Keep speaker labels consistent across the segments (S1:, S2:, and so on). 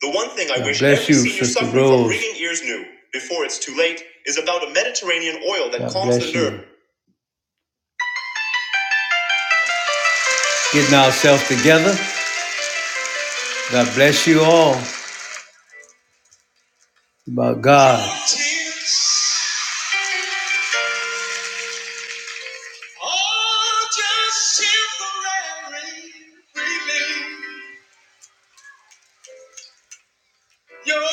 S1: The one thing I f***ing ears knew before it's too late is about a Mediterranean oil that. Tears are just temporary. Relieve your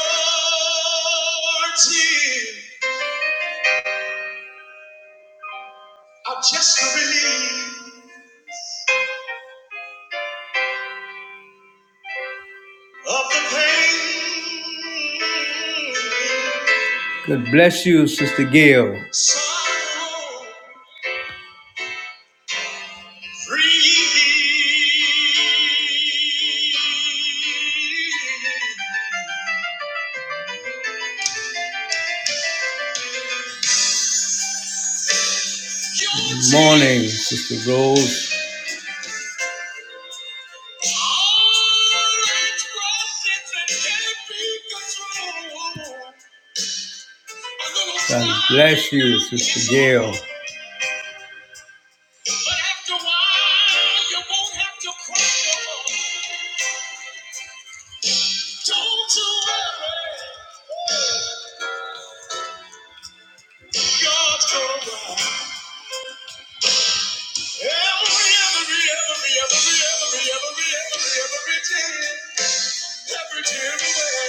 S1: tears are just a relief of the pain. Sorrow free. Your Don't you worry, God's gonna ride. Every, every, every, every, every, every, every, every tear, every tear away.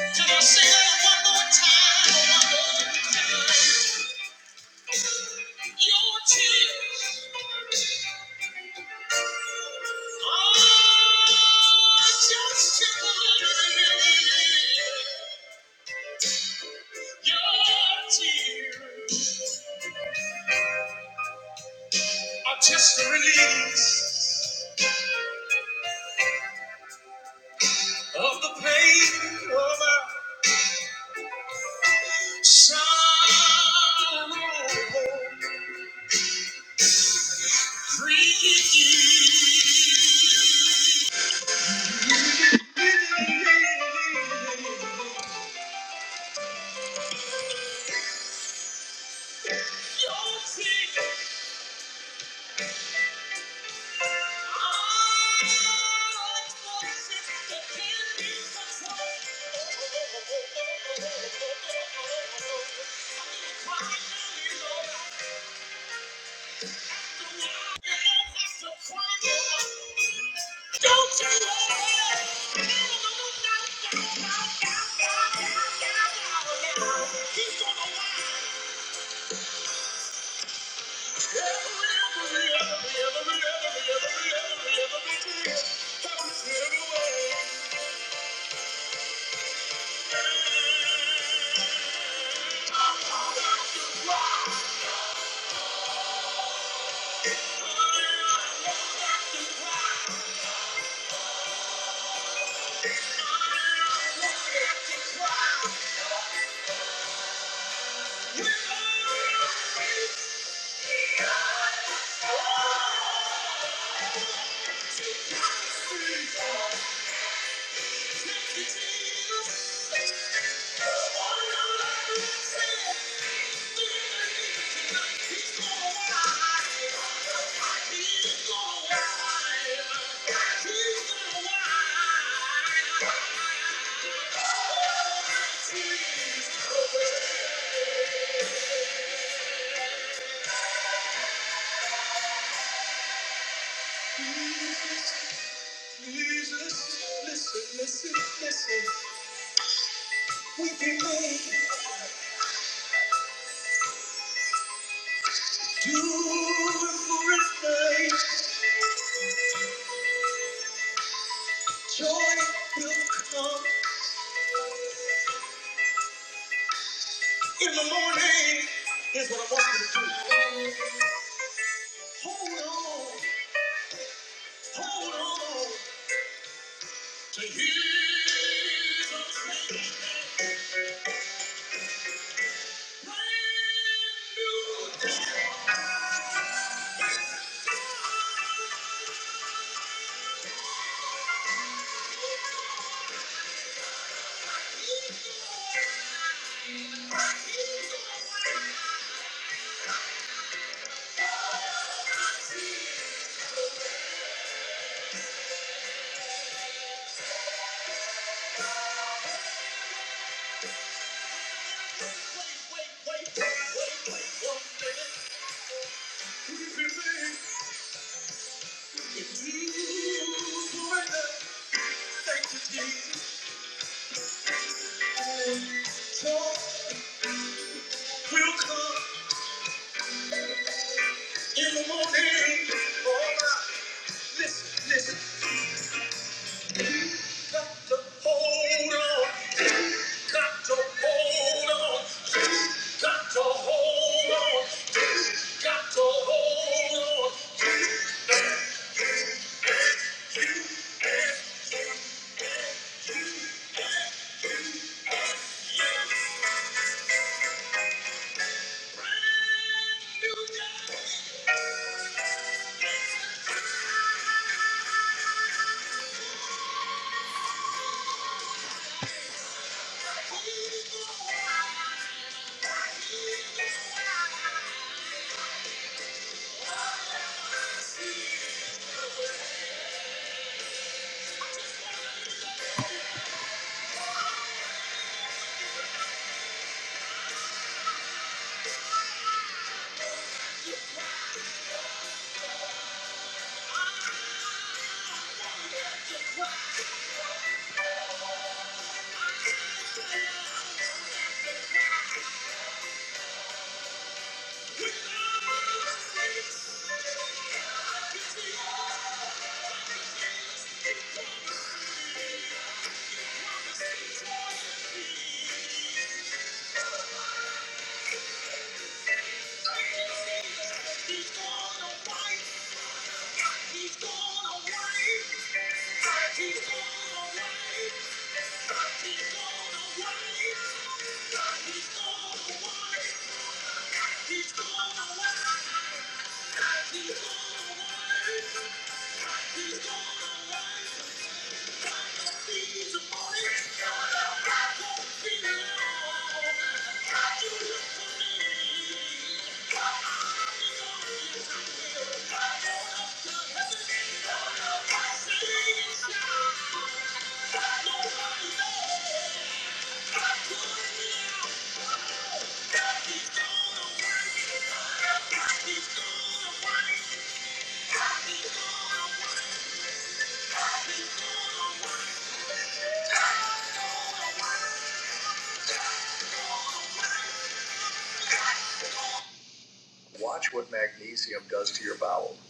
S1: Can I sing that one more time? One more time. Your tears are just a- Your tears are just a release of the pain of our sorrow. Free.
S2: Yeah.
S1: Joy will come in the morning. Here's what I want you to do. Hold on, hold on to Jesus. Brand new day. If you do it, Thank you, Jesus. Joy will come. In the morning, oh my, listen, listen, you got to hold on, got to hold on, got to hold on, got to hold on.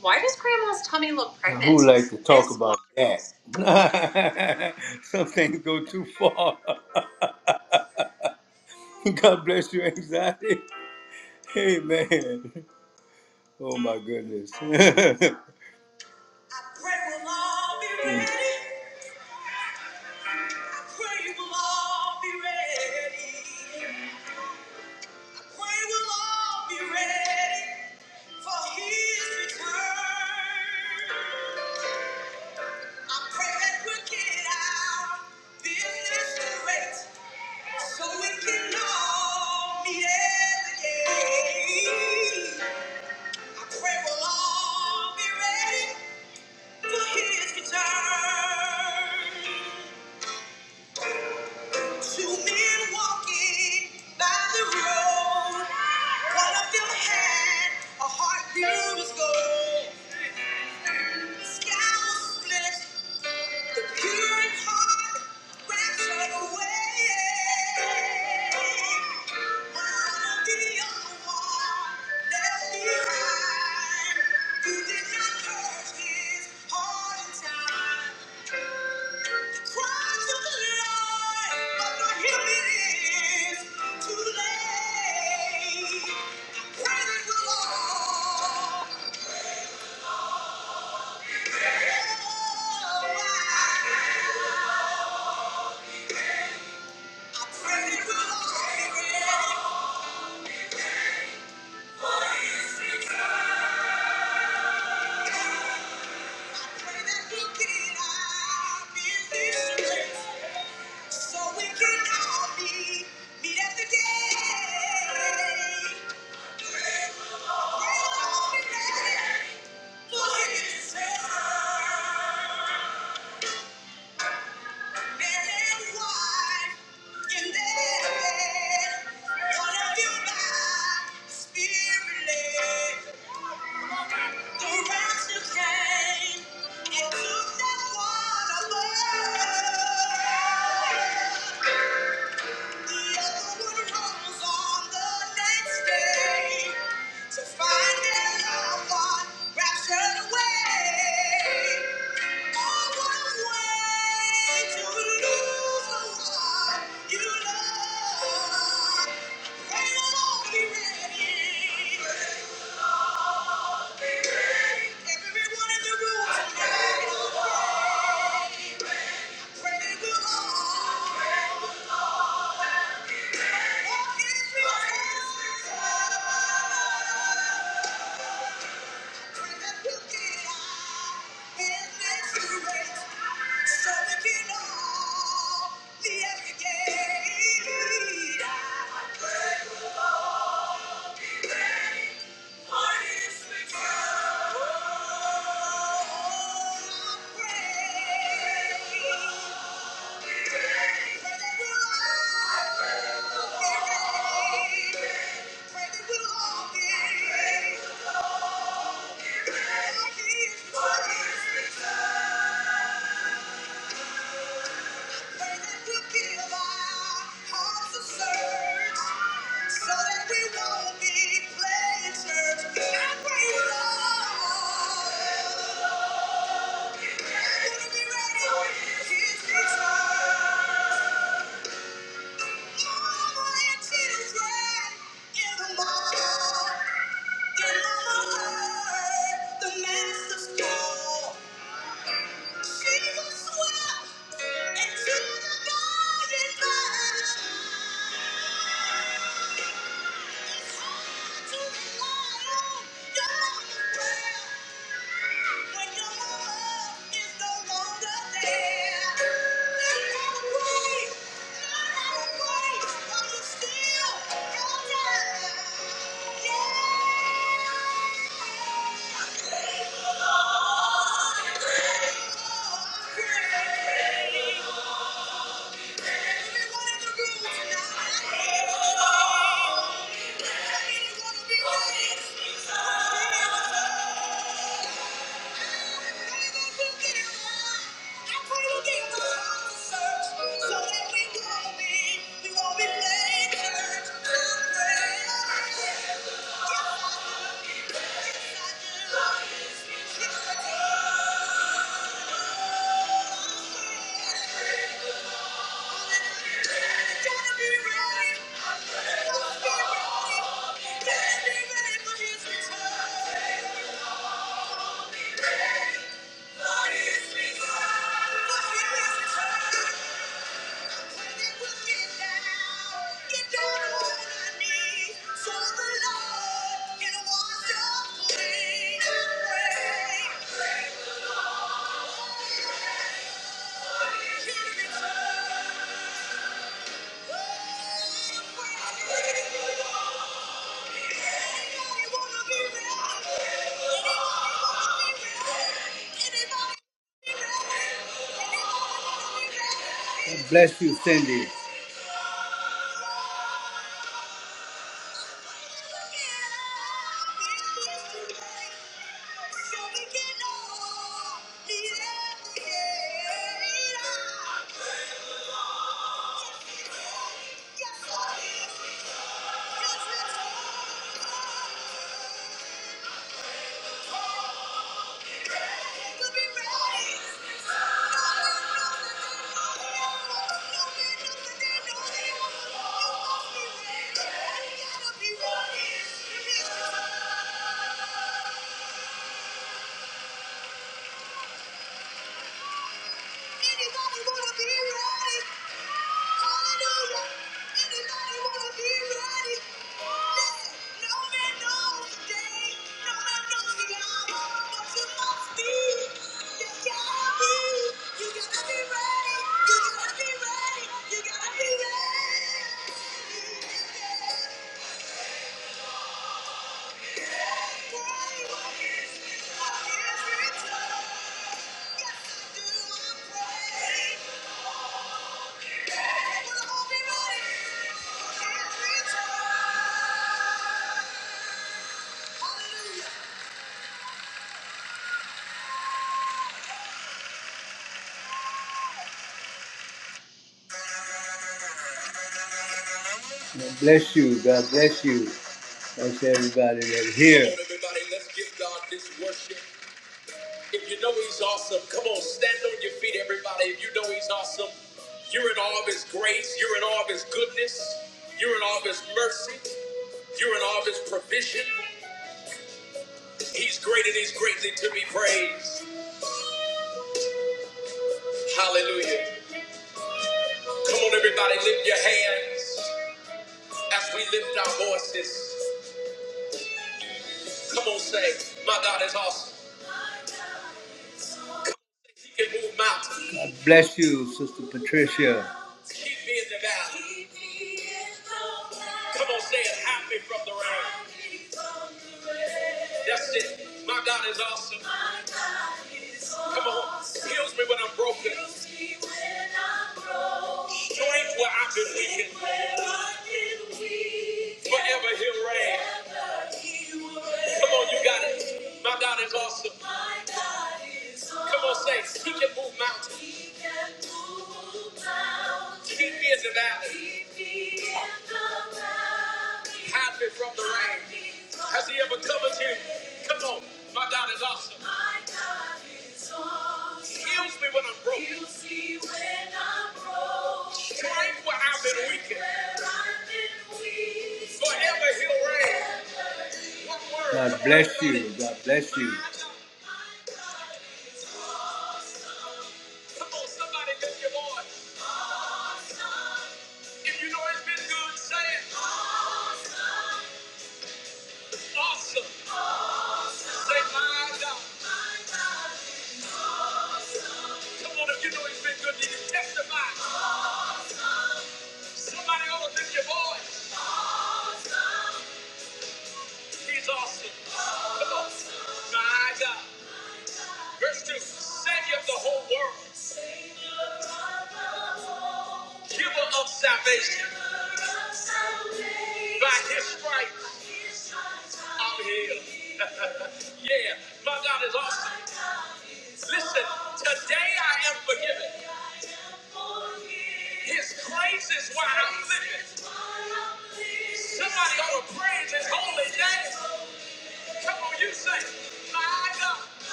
S1: Why does Grandma's tummy look pregnant?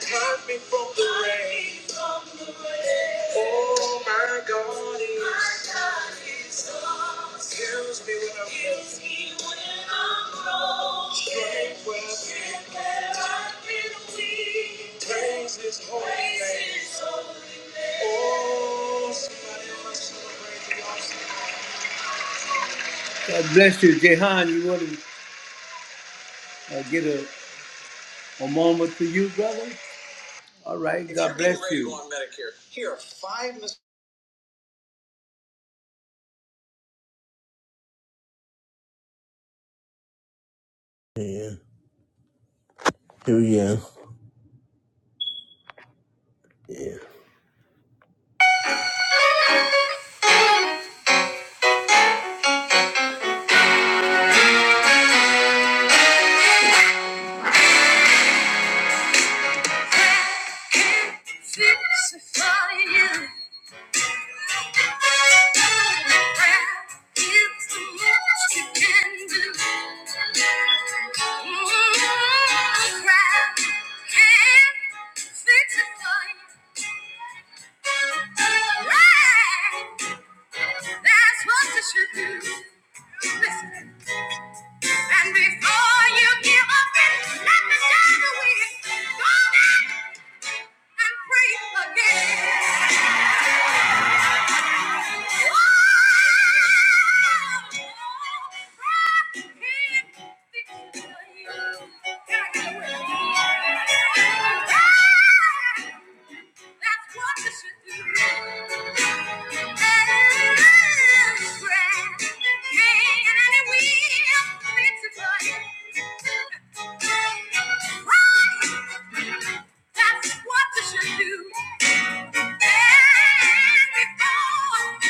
S1: Turned me from the rain. Oh my God, it kills me when I'm lost. Praise His holy. Oh, somebody must celebrate the awesome.
S2: Here we go. Yeah. Crucify you. It's the most you can do. Mm, crap can't fix it for you. Right. That's what you should do. Listen. And before you give up and let the shadow win, go back and pray again. Oh, I can't stick to you. Can I get a that's what you should do. That's what you. should do. And and before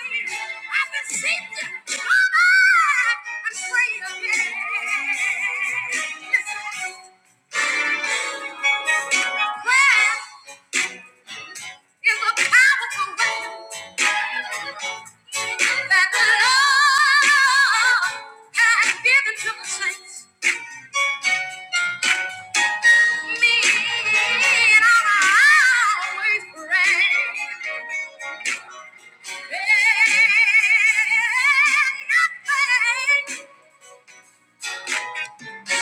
S2: you you I beseech you, come back and pray again. Listen. Thank you. Come on,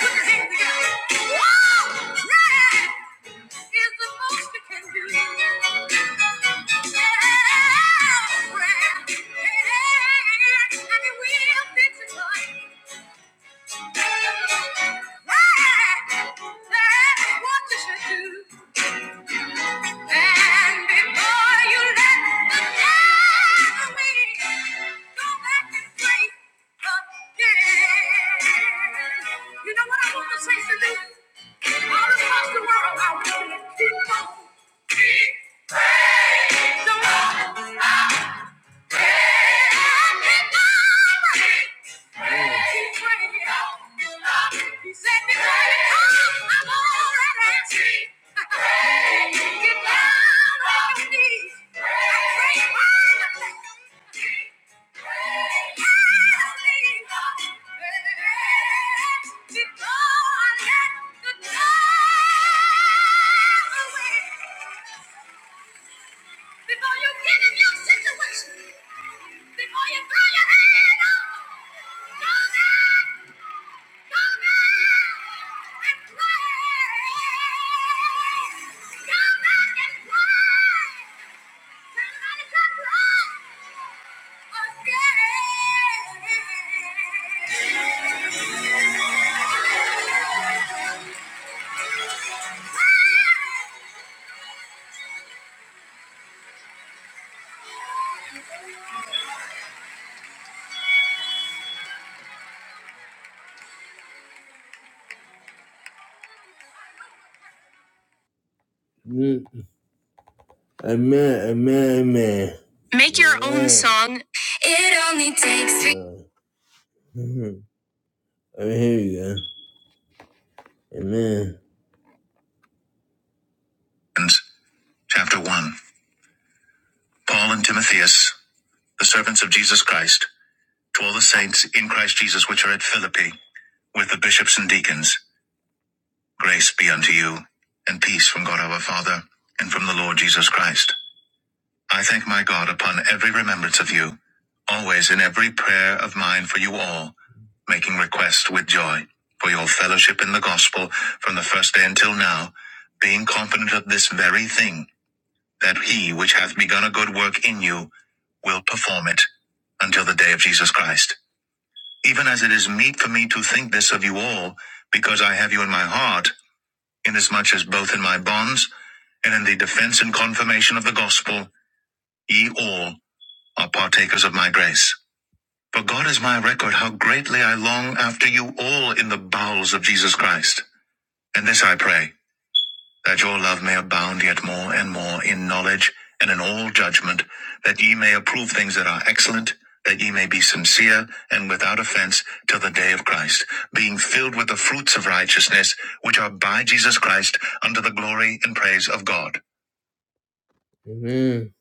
S2: put your hands together. Whoa! Yeah! is the most you can do. Yeah, prayer. Yeah, and it will be tonight. Right. That's what you should do. And before you let the enemy go back and break again. You know what I want to say to All across the world, I want to keep on. Keep praying. Thank you before you get in your situation, before you throw your hand up, go back, go back and pray. Go back and pray. Somebody come run again. Mm. Amen, amen, amen. Make your amen. own song. It only takes three. Mhm. Oh, here you go. Amen. Chapter 1 Paul and Timotheus, the servants of Jesus Christ, to all the saints in Christ Jesus which are at Philippi, with the bishops and deacons, grace be unto you, and peace from God our Father, and from the Lord Jesus Christ. I thank my God upon every remembrance of you, always in every prayer of mine for you all, making request with joy for your fellowship in the gospel from the first day until now, being confident of this very thing, that he which hath begun a good work in you will perform it until the day of Jesus Christ. Even as it is meet for me to think this of you all, because I have you in my heart, inasmuch as both in my bonds and in the defense and confirmation of the gospel, ye all are partakers of my grace. For God is my record how greatly I long after you all in the bowels of Jesus Christ. And this I pray, that your love may abound yet more and more in knowledge and in all judgment, that ye may approve things that are excellent, that ye may be sincere and without offense till the day of Christ, being filled with the fruits of righteousness, which are by Jesus Christ, unto the glory and praise of God. Amen.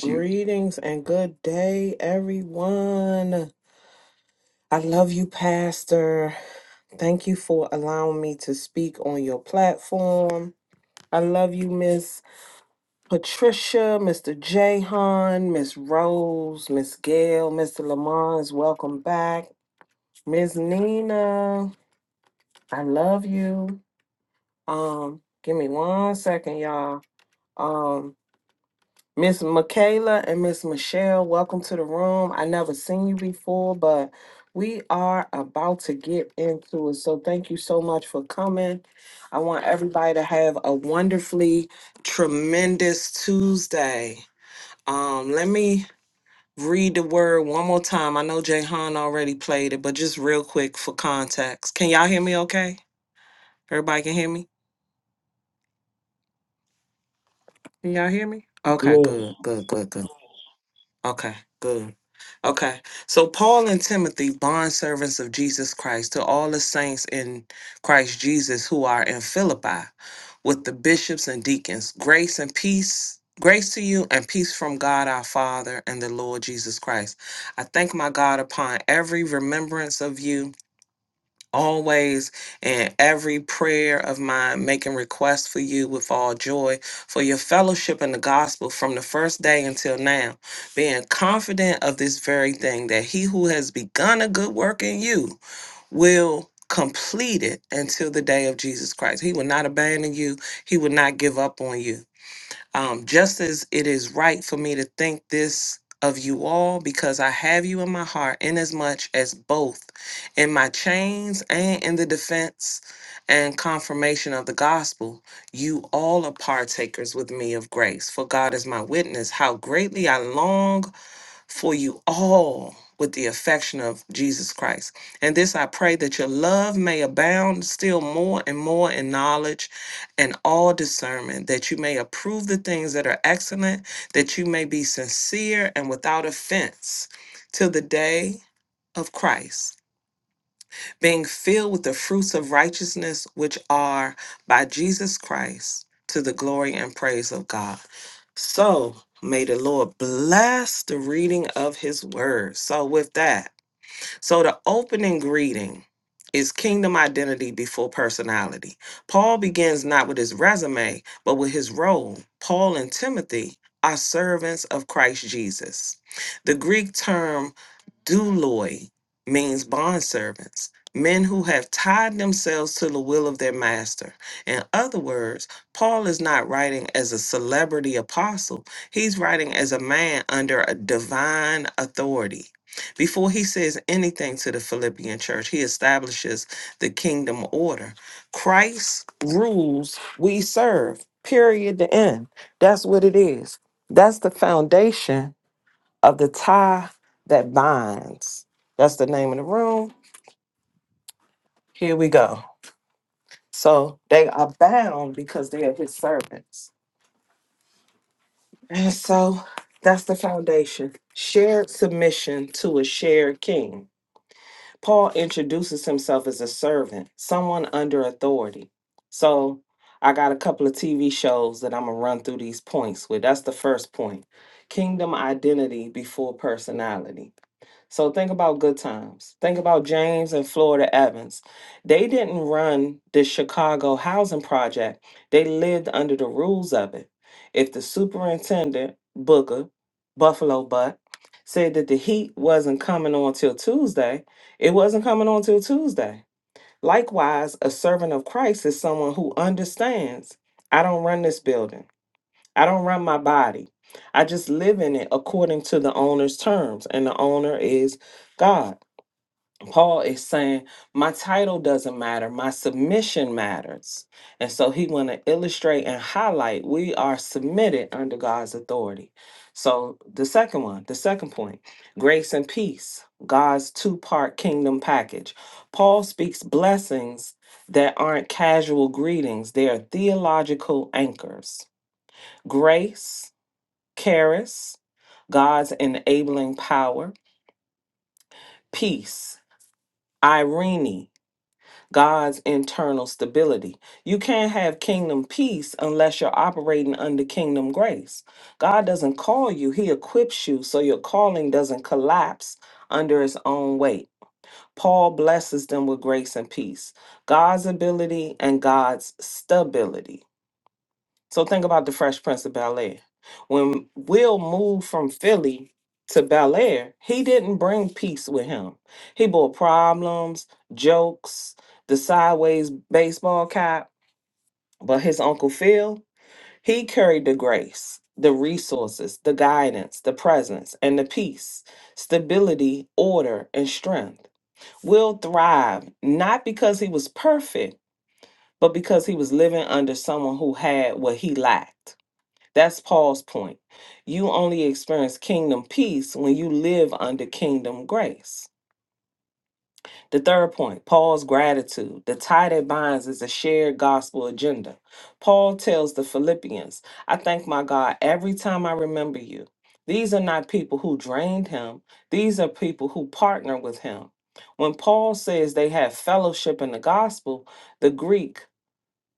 S3: Greetings and good day, everyone. I love you, Pastor. Thank you for allowing me to speak on your platform. I love you, Miss Patricia, Mr. Jahan, Miss Rose, Miss Gail, Mr. Lamont. Welcome back, Miss Nina. I love you. Um, give me one second, y'all. Um. Miss Michaela and Miss Michelle, welcome to the room. I never seen you before, but we are about to get into it. So thank you so much for coming. I want everybody to have a wonderfully tremendous Tuesday. Um, let me read the word one more time. I know Jayhan already played it, but just real quick for context. Can y'all hear me okay? Everybody can hear me? Can y'all hear me?
S2: Yes.
S3: Okay,
S2: Lord.
S3: good, good, good, good. Okay, good. Okay. So Paul and Timothy, bondservants of Jesus Christ, to all the saints in Christ Jesus who are in Philippi, with the bishops and deacons, grace and peace. Grace to you and peace from God our Father and the Lord Jesus Christ. I thank my God upon every remembrance of you always in every prayer of mine, making requests for you with all joy, for your fellowship in the gospel from the first day until now, being confident of this very thing, that he who has begun a good work in you will complete it until the day of Jesus Christ. He will not abandon you, he will not give up on you. Um, just as it is right for me to think this of you all, because I have you in my heart, inasmuch as both in my chains and in the defense and confirmation of the gospel, you all are partakers with me of grace. For God is my witness, how greatly I long for you all with the affection of Jesus Christ. And this I pray that your love may abound still more and more in knowledge and all discernment, that you may approve the things that are excellent, that you may be sincere and without offense till the day of Christ being filled with the fruits of righteousness which are by Jesus Christ to the glory and praise of God. So may the Lord bless the reading of his word. So, with that, so the opening greeting is kingdom identity before personality. Paul begins not with his resume, but with his role. Paul and Timothy are servants of Christ Jesus. The Greek term douloi means bondservants, men who have tied themselves to the will of their master. In other words, Paul is not writing as a celebrity apostle, he's writing as a man under a divine authority before he says anything to the Philippian church, he establishes the kingdom order. Christ rules, we serve, period, the end. That's what it is. That's the foundation of the tie that binds. That's the name of the room. Here we go. So they are bound because they are his servants. And so that's the foundation. Shared submission to a shared king. Paul introduces himself as a servant, someone under authority. So I got a couple of TV shows that I'm going to run through these points with. That's the first point kingdom identity before personality. So think about good times. Think about James and Florida Evans. They didn't run the Chicago housing project. They lived under the rules of it. If the superintendent, Booker, Buffalo Butt, said that the heat wasn't coming on till Tuesday, it wasn't coming on till Tuesday. Likewise, a servant of Christ is someone who understands I don't run this building. I don't run my body. I just live in it according to the owner's terms, and the owner is God. Paul is saying, My title doesn't matter, my submission matters. And so he want to illustrate and highlight we are submitted under God's authority. So the second one, the second point, grace and peace, God's two part kingdom package. Paul speaks blessings that aren't casual greetings, they are theological anchors. Grace, Charis, God's enabling power. Peace, Irene, God's internal stability. You can't have kingdom peace unless you're operating under kingdom grace. God doesn't call you, He equips you so your calling doesn't collapse under its own weight. Paul blesses them with grace and peace, God's ability and God's stability. So think about the Fresh Prince of Bel Air. When Will moved from Philly to Bel Air, he didn't bring peace with him. He brought problems, jokes, the sideways baseball cap. But his Uncle Phil, he carried the grace, the resources, the guidance, the presence, and the peace, stability, order, and strength. Will thrived not because he was perfect, but because he was living under someone who had what he lacked. That's Paul's point. You only experience kingdom peace when you live under kingdom grace. The third point, Paul's gratitude. The tie that binds is a shared gospel agenda. Paul tells the Philippians, I thank my God every time I remember you. These are not people who drained him, these are people who partner with him. When Paul says they have fellowship in the gospel, the Greek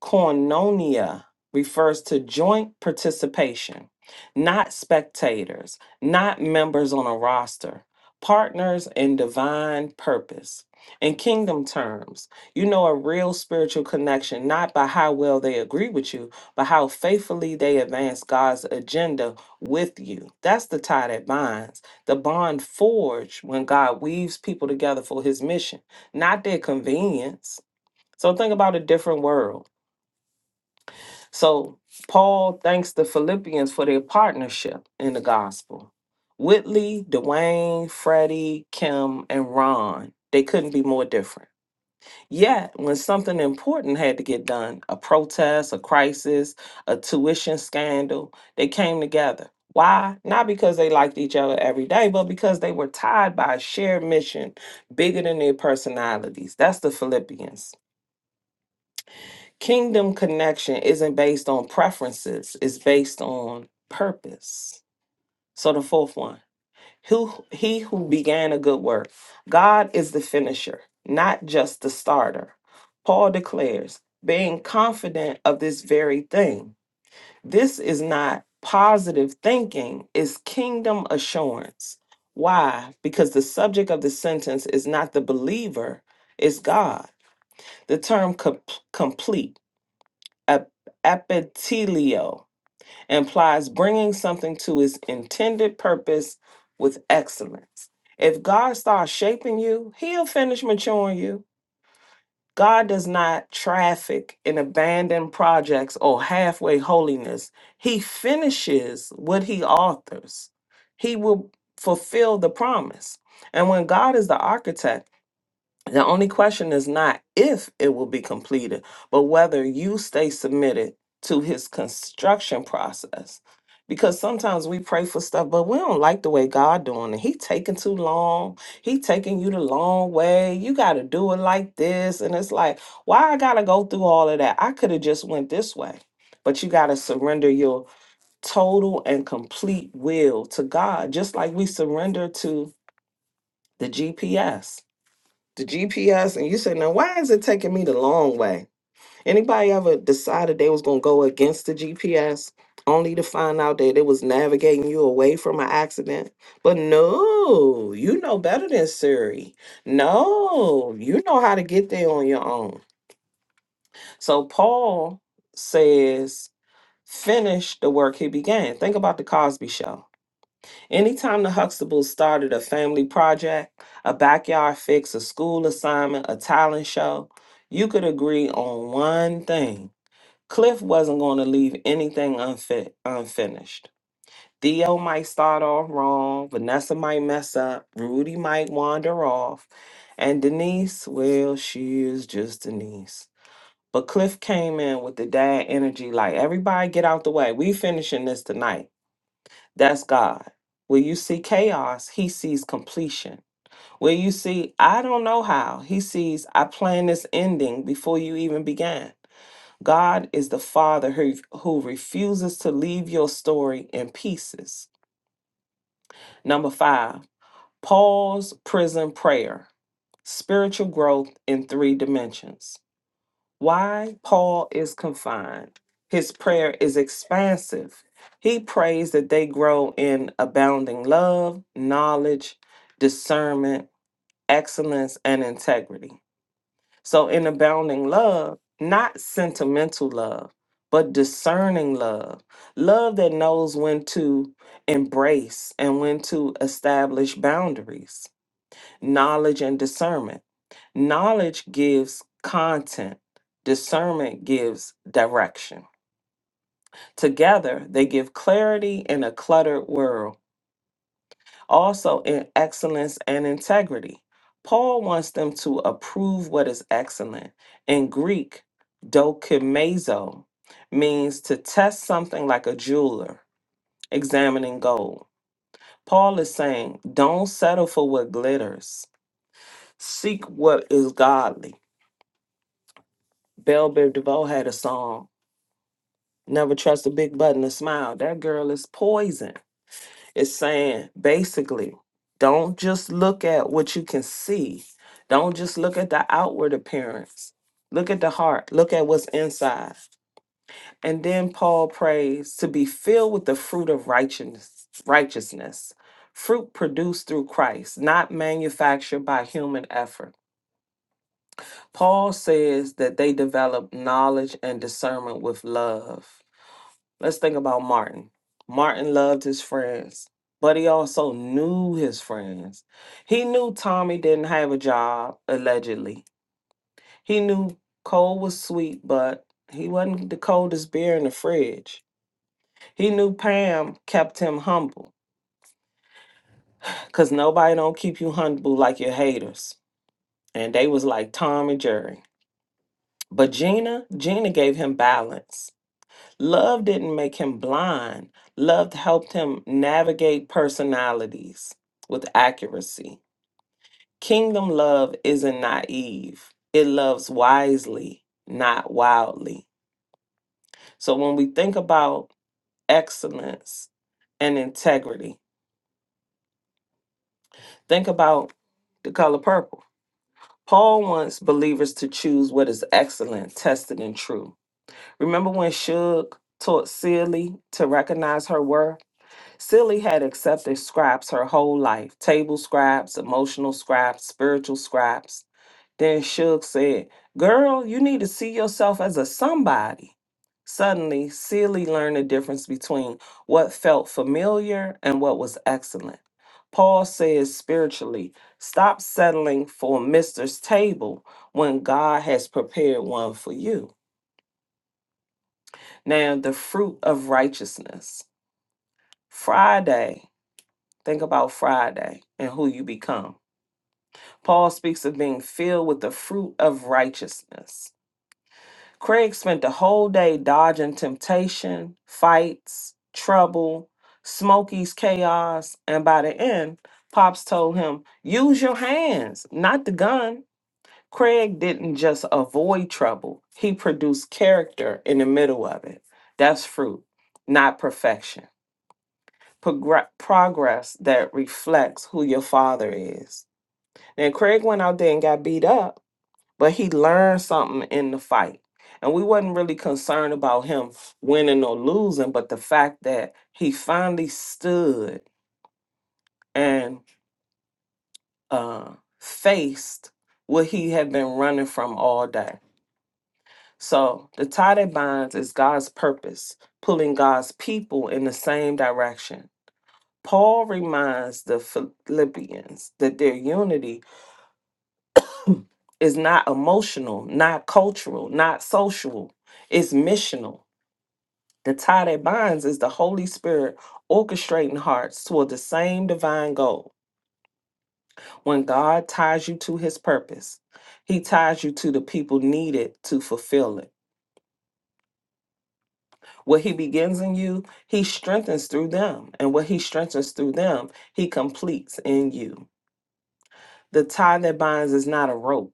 S3: Koinonia refers to joint participation, not spectators, not members on a roster, partners in divine purpose. In kingdom terms, you know a real spiritual connection not by how well they agree with you, but how faithfully they advance God's agenda with you. That's the tie that binds, the bond forged when God weaves people together for his mission, not their convenience. So think about a different world so Paul thanks the Philippians for their partnership in the gospel. Whitley, Dwayne, Freddie, Kim, and Ron, they couldn't be more different. Yet, when something important had to get done, a protest, a crisis, a tuition scandal, they came together. Why? Not because they liked each other every day, but because they were tied by a shared mission bigger than their personalities. That's the Philippians. Kingdom connection isn't based on preferences, it's based on purpose. So the fourth one. Who he who began a good work. God is the finisher, not just the starter. Paul declares, being confident of this very thing. This is not positive thinking, it's kingdom assurance. Why? Because the subject of the sentence is not the believer, it's God. The term com- complete ep- epitelio implies bringing something to its intended purpose with excellence. If God starts shaping you, He'll finish maturing you. God does not traffic in abandoned projects or halfway holiness. He finishes what He authors, He will fulfill the promise. And when God is the architect, the only question is not if it will be completed, but whether you stay submitted to his construction process. Because sometimes we pray for stuff, but we don't like the way God doing it. He taking too long. He taking you the long way. You got to do it like this, and it's like, why I got to go through all of that? I could have just went this way. But you got to surrender your total and complete will to God, just like we surrender to the GPS the GPS and you say, now why is it taking me the long way? Anybody ever decided they was gonna go against the GPS only to find out that it was navigating you away from an accident? But no, you know better than Siri. No, you know how to get there on your own. So Paul says, finish the work he began. Think about the Cosby show Anytime the Huxtables started a family project, a backyard fix, a school assignment, a talent show, you could agree on one thing. Cliff wasn't going to leave anything unfit, unfinished. Theo might start off wrong, Vanessa might mess up, Rudy might wander off, and Denise, well, she is just Denise. But Cliff came in with the dad energy like, everybody get out the way. We finishing this tonight. That's God. Where you see chaos, he sees completion. Where you see, I don't know how, he sees, I plan this ending before you even began. God is the Father who, who refuses to leave your story in pieces. Number five, Paul's prison prayer, spiritual growth in three dimensions. Why Paul is confined. His prayer is expansive. He prays that they grow in abounding love, knowledge, discernment, excellence, and integrity. So, in abounding love, not sentimental love, but discerning love, love that knows when to embrace and when to establish boundaries, knowledge and discernment. Knowledge gives content, discernment gives direction. Together, they give clarity in a cluttered world, also in excellence and integrity. Paul wants them to approve what is excellent. In Greek, dokimazo means to test something like a jeweler examining gold. Paul is saying, don't settle for what glitters. Seek what is godly. Bell Biv DeVoe had a song Never trust a big button to smile. That girl is poison. It's saying basically, don't just look at what you can see. Don't just look at the outward appearance. Look at the heart. Look at what's inside. And then Paul prays to be filled with the fruit of righteousness, righteousness. Fruit produced through Christ, not manufactured by human effort. Paul says that they develop knowledge and discernment with love. Let's think about Martin. Martin loved his friends, but he also knew his friends. He knew Tommy didn't have a job, allegedly. He knew Cole was sweet, but he wasn't the coldest beer in the fridge. He knew Pam kept him humble, because nobody don't keep you humble like your haters. And they was like Tom and Jerry. But Gina, Gina gave him balance. Love didn't make him blind. Love helped him navigate personalities with accuracy. Kingdom love isn't naive, it loves wisely, not wildly. So when we think about excellence and integrity, think about the color purple. Paul wants believers to choose what is excellent, tested, and true. Remember when Shug taught Seeley to recognize her worth? Silly had accepted scraps her whole life table scraps, emotional scraps, spiritual scraps. Then Suge said, Girl, you need to see yourself as a somebody. Suddenly, Seely learned the difference between what felt familiar and what was excellent. Paul says spiritually, stop settling for Mister's table when God has prepared one for you. Now, the fruit of righteousness. Friday. Think about Friday and who you become. Paul speaks of being filled with the fruit of righteousness. Craig spent the whole day dodging temptation, fights, trouble, Smokey's chaos, and by the end, Pops told him, Use your hands, not the gun. Craig didn't just avoid trouble, he produced character in the middle of it. That's fruit, not perfection. Progr- progress that reflects who your father is. And Craig went out there and got beat up, but he learned something in the fight. And we wasn't really concerned about him winning or losing, but the fact that he finally stood and uh, faced what he had been running from all day. So the tie that binds is God's purpose, pulling God's people in the same direction. Paul reminds the Philippians that their unity It's not emotional, not cultural, not social. It's missional. The tie that binds is the Holy Spirit orchestrating hearts toward the same divine goal. When God ties you to his purpose, he ties you to the people needed to fulfill it. What he begins in you, he strengthens through them. And what he strengthens through them, he completes in you. The tie that binds is not a rope.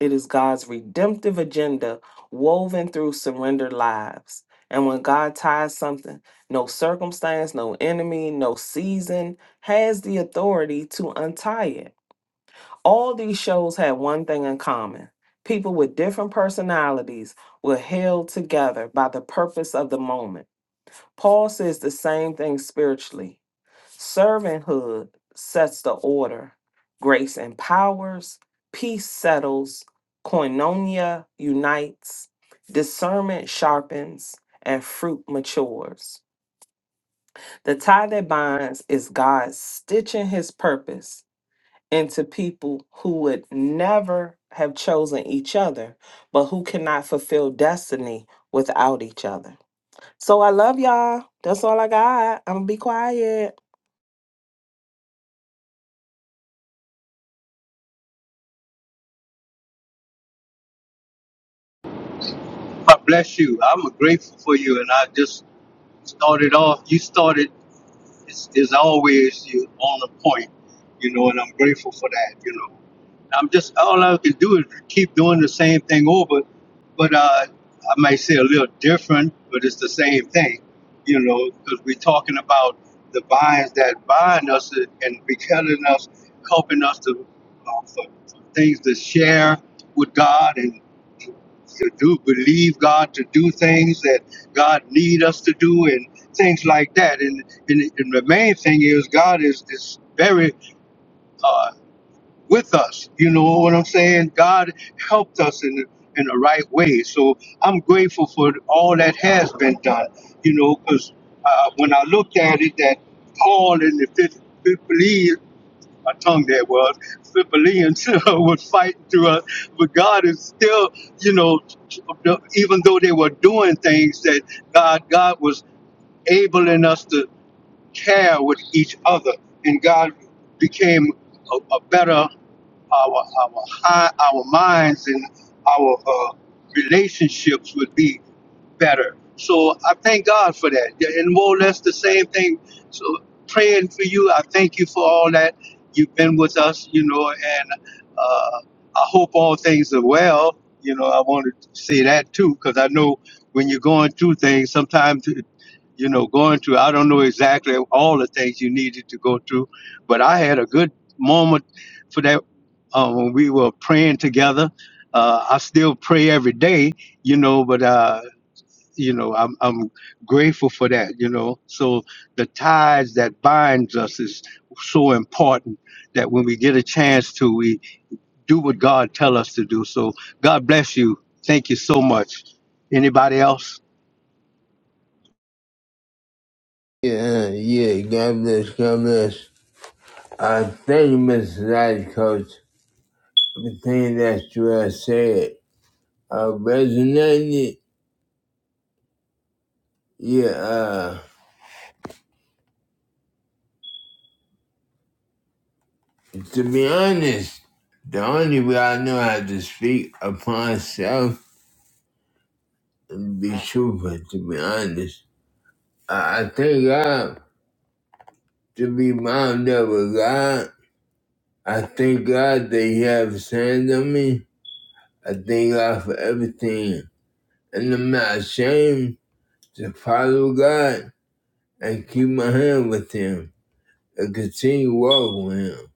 S3: It is God's redemptive agenda woven through surrendered lives. And when God ties something, no circumstance, no enemy, no season has the authority to untie it. All these shows had one thing in common people with different personalities were held together by the purpose of the moment. Paul says the same thing spiritually. Servanthood sets the order, grace empowers, peace settles, koinonia unites, discernment sharpens, and fruit matures. The tie that binds is God stitching his purpose into people who would never have chosen each other, but who cannot fulfill destiny without each other. So I love y'all. That's all I got. I'm gonna be quiet.
S1: For that, you know. I'm just all I can do is keep doing the same thing over, but uh, I might say a little different, but it's the same thing, you know, because we're talking about the binds that bind us and be telling us, helping us to uh, for, for things to share with God and to do believe God to do things that God need us to do and things like that. And and, and the main thing is God is is very uh, with us. You know what I'm saying? God helped us in in the right way. So I'm grateful for all that has been done. You know, because uh, when I looked at it, that Paul in the fifth Philippians, my tongue that was Philippians was fighting through us, but God is still, you know, even though they were doing things that God God was enabling us to care with each other, and God became a, a better our our hi- our minds and our uh, relationships would be better. So I thank God for that, Yeah, and more or less the same thing. So praying for you, I thank you for all that you've been with us, you know, and uh, I hope all things are well. You know, I want to say that too because I know
S2: Yeah, yeah. God bless. God bless. Uh, thank you, Mr. Life Coach. Everything that you have said uh, resonated. Yeah, uh, to be honest, the only way I know how to speak upon self and be truthful, to be honest. I, I thank God to be bound up with God. I thank God that He has sent on me. I thank God for everything. And I'm not ashamed to follow God and keep my hand with Him. and continue walking with him.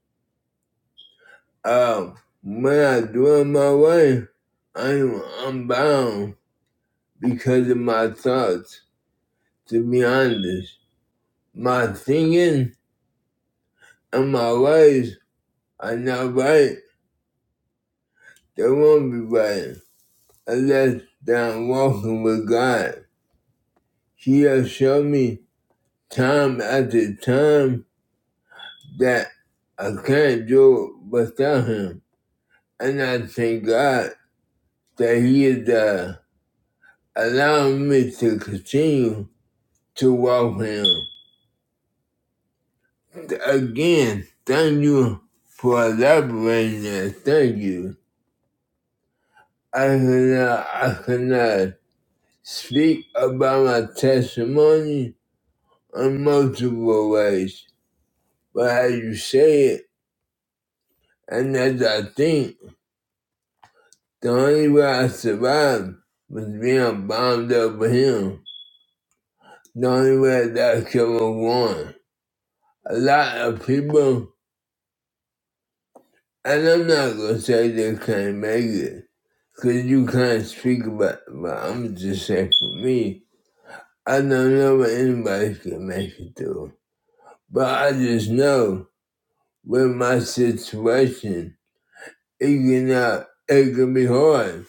S2: Um, when I do it my way, I'm, I'm bound because of my thoughts, to be honest. My thinking and my ways are not right. They won't be right unless I'm walking with God. He has shown me time after time that I can't do it without him. And I thank God that he is there Allowing me to continue to walk with him. Again, thank you for elaborating that. Thank you. I cannot, I cannot speak about my testimony in multiple ways, but as you say it, and as I think, the only way I survived was being bombed up with him. The only way that could have won. A lot of people And I'm not gonna say they can't make it, cause you can't speak about. it, But I'm just saying for me, I don't know if anybody can make it through. But I just know with my situation, it can not, it can be hard.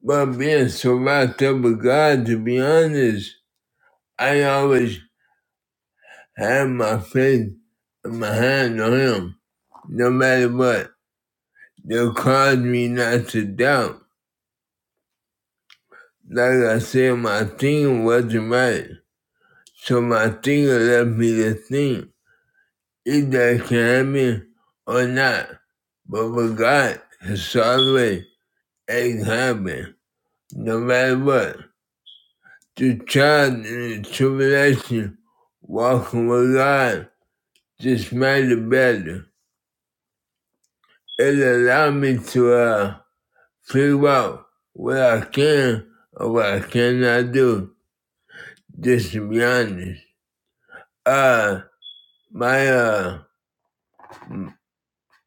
S2: But being so wrapped up with God, to be honest, I always have my faith and my hand on Him, no matter what. They'll cause me not to doubt. Like I said, my thing wasn't right. So my thing left me the thing. either it can help me or not. But with God, it's always it happen, no matter what. The child in the tribulation, walking with God, just made it better. It allowed me to uh, figure out what I can or what I cannot do, just to be honest. Uh, my uh,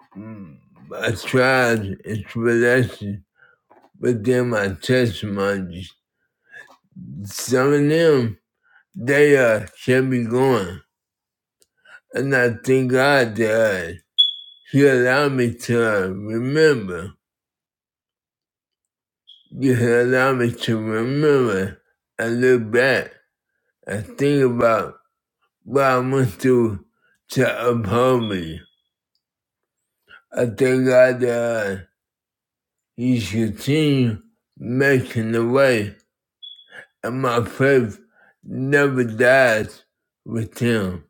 S2: Mm, I tried its relation within my testimonies. Some of them, they uh, kept me going. And I thank God that uh, He allowed me to uh, remember. He allowed me to remember and look back and think about what I went through to uphold me. I thank God that uh, He's continued making the way and my faith never dies with him.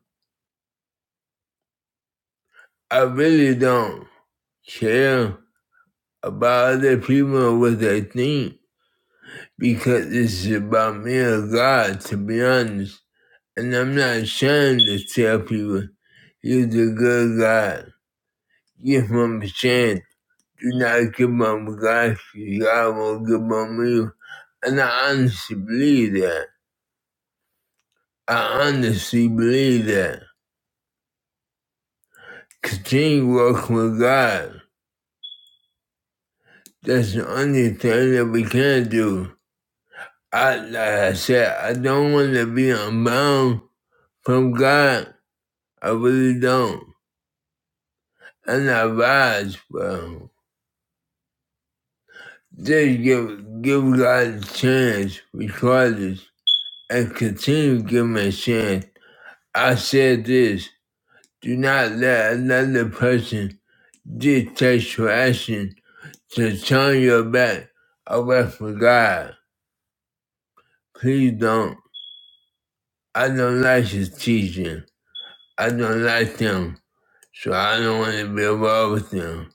S2: I really don't care about other people and what they think because this is about me and God, to be honest. And I'm not ashamed to tell people, you're the good God. Give him a chance. Do not give up God. God won't give up you. And I honestly believe that. I honestly believe that. Continue walking with God. That's the only thing that we can do. I like I said, I don't want to be unbound from God. I really don't. And I rise from just give give God a chance regardless and continue to give him a chance. I said this, do not let another person dictate your action to turn your back away from God. Please don't. I don't like his teaching. I don't like them, so I don't want to be involved with them.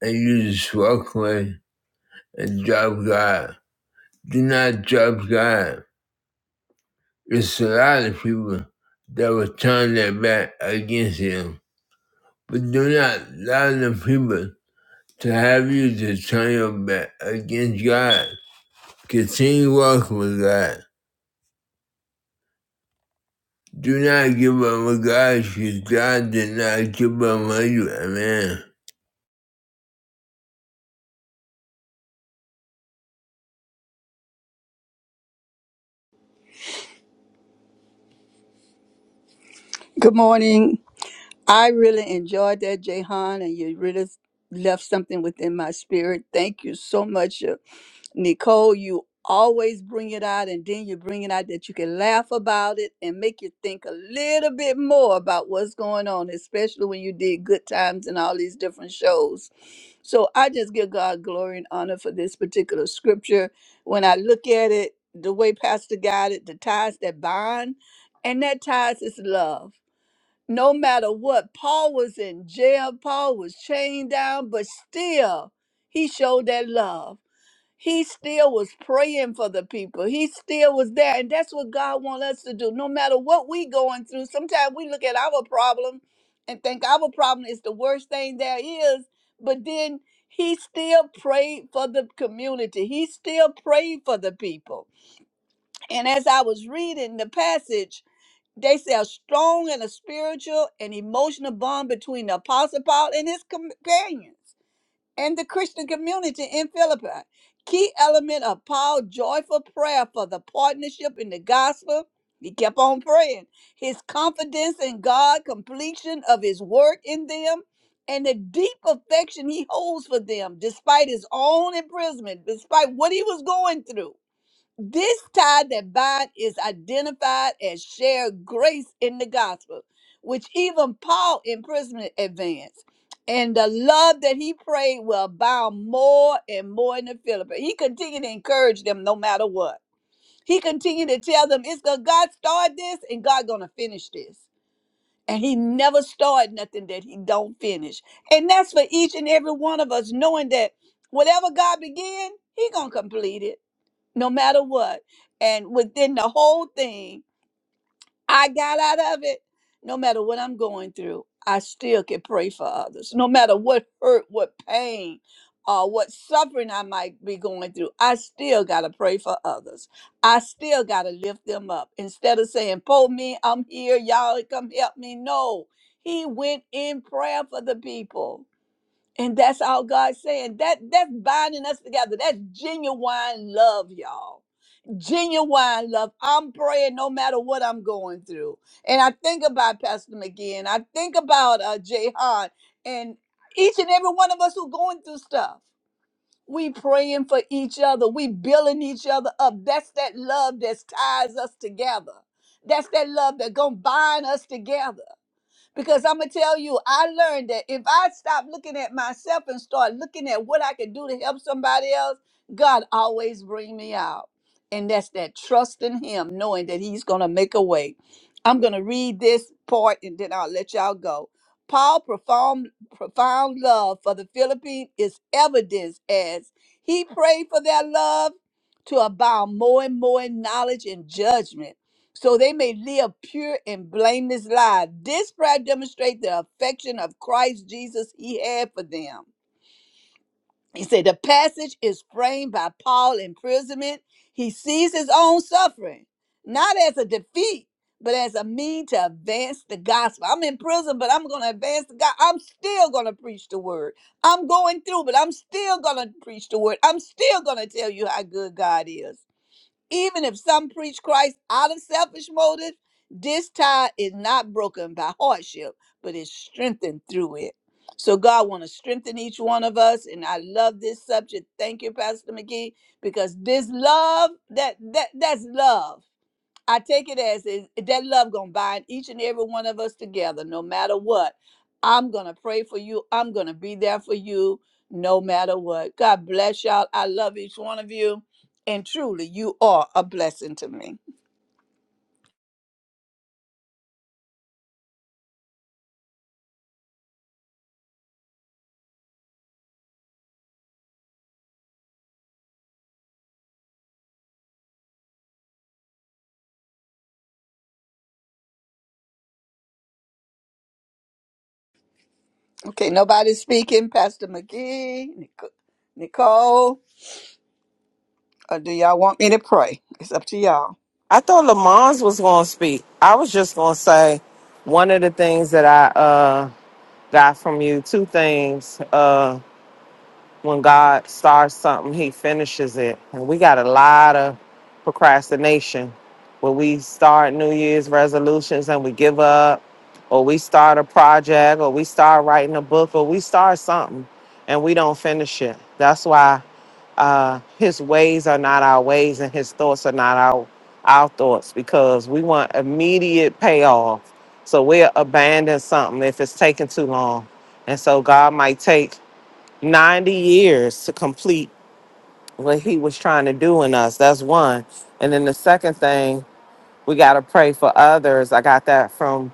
S2: And you just walk away and drop God. Do not drop God. There's a lot of people that will turn their back against Him. But do not allow the people to have you to turn your back against God. Continue walking with God. Do not give up on God because God did not give up on you. Amen.
S4: Good morning. I really enjoyed that, Jahan, and you really left something within my spirit. Thank you so much, uh, Nicole. You always bring it out, and then you bring it out that you can laugh about it and make you think a little bit more about what's going on, especially when you did Good Times and all these different shows. So I just give God glory and honor for this particular scripture. When I look at it, the way Pastor got it, the ties that bind, and that ties is love no matter what. Paul was in jail, Paul was chained down, but still he showed that love. He still was praying for the people. He still was there. And that's what God wants us to do. No matter what we going through, sometimes we look at our problem and think our problem is the worst thing there is. But then he still prayed for the community. He still prayed for the people. And as I was reading the passage, they say a strong and a spiritual and emotional bond between the Apostle Paul and his companions and the Christian community in Philippi. Key element of Paul's joyful prayer for the partnership in the gospel. He kept on praying. His confidence in God, completion of his work in them, and the deep affection he holds for them, despite his own imprisonment, despite what he was going through. This tie that bind is identified as shared grace in the gospel, which even Paul in prison advanced. And the love that he prayed will abound more and more in the Philippines. He continued to encourage them no matter what. He continued to tell them, it's going God started this and God gonna finish this. And he never started nothing that he don't finish. And that's for each and every one of us, knowing that whatever God began, he gonna complete it no matter what. And within the whole thing, I got out of it. No matter what I'm going through, I still can pray for others. No matter what hurt, what pain, uh, what suffering I might be going through, I still got to pray for others. I still got to lift them up. Instead of saying, Pull me, I'm here, y'all come help me. No, he went in prayer for the people. And that's all God's saying. That that's binding us together. That's genuine love, y'all genuine love. I'm praying no matter what I'm going through. And I think about Pastor McGee and I think about uh, Jay Hahn and each and every one of us who going through stuff. We praying for each other. We building each other up. That's that love that ties us together. That's that love that gonna bind us together. Because I'm going to tell you, I learned that if I stop looking at myself and start looking at what I can do to help somebody else, God always bring me out. And that's that trust in him, knowing that he's going to make a way. I'm going to read this part and then I'll let y'all go. Paul profound profound love for the Philippines is evidenced as he prayed for their love to abound more and more in knowledge and judgment so they may live pure and blameless lives. This prayer demonstrates the affection of Christ Jesus he had for them. He said the passage is framed by Paul's imprisonment. He sees his own suffering, not as a defeat, but as a mean to advance the gospel. I'm in prison, but I'm going to advance the gospel. I'm still going to preach the word. I'm going through, but I'm still going to preach the word. I'm still going to tell you how good God is. Even if some preach Christ out of selfish motives, this tie is not broken by hardship, but is strengthened through it. So God want to strengthen each one of us, and I love this subject. Thank you, Pastor McGee, because this love that that that's love. I take it as is eh, that love gonna bind each and every one of us together, no matter what. I'm gonna pray for you. I'm gonna be there for you, no matter what. God bless y'all. I love each one of you, and truly, you are a blessing to me. Okay, nobody speaking. Pastor McGee, Nic- Nicole, or do y'all want me to pray? It's up to y'all.
S3: I thought Lamons was going to speak. I was just going to say one of the things that I uh, got from you, two things. uh, when God starts something, He finishes it. And we got a lot of procrastination when we start New Year's resolutions and we give up, or we start a project, or we start writing a book, or we start something and we don't finish it. That's why uh, His ways are not our ways and His thoughts are not our our thoughts because we want immediate payoff. So we'll abandon something if it's taking too long. And so God might take 90 years to complete what he was trying to do in us. That's one. And then the second thing, we got to pray for others. I got that from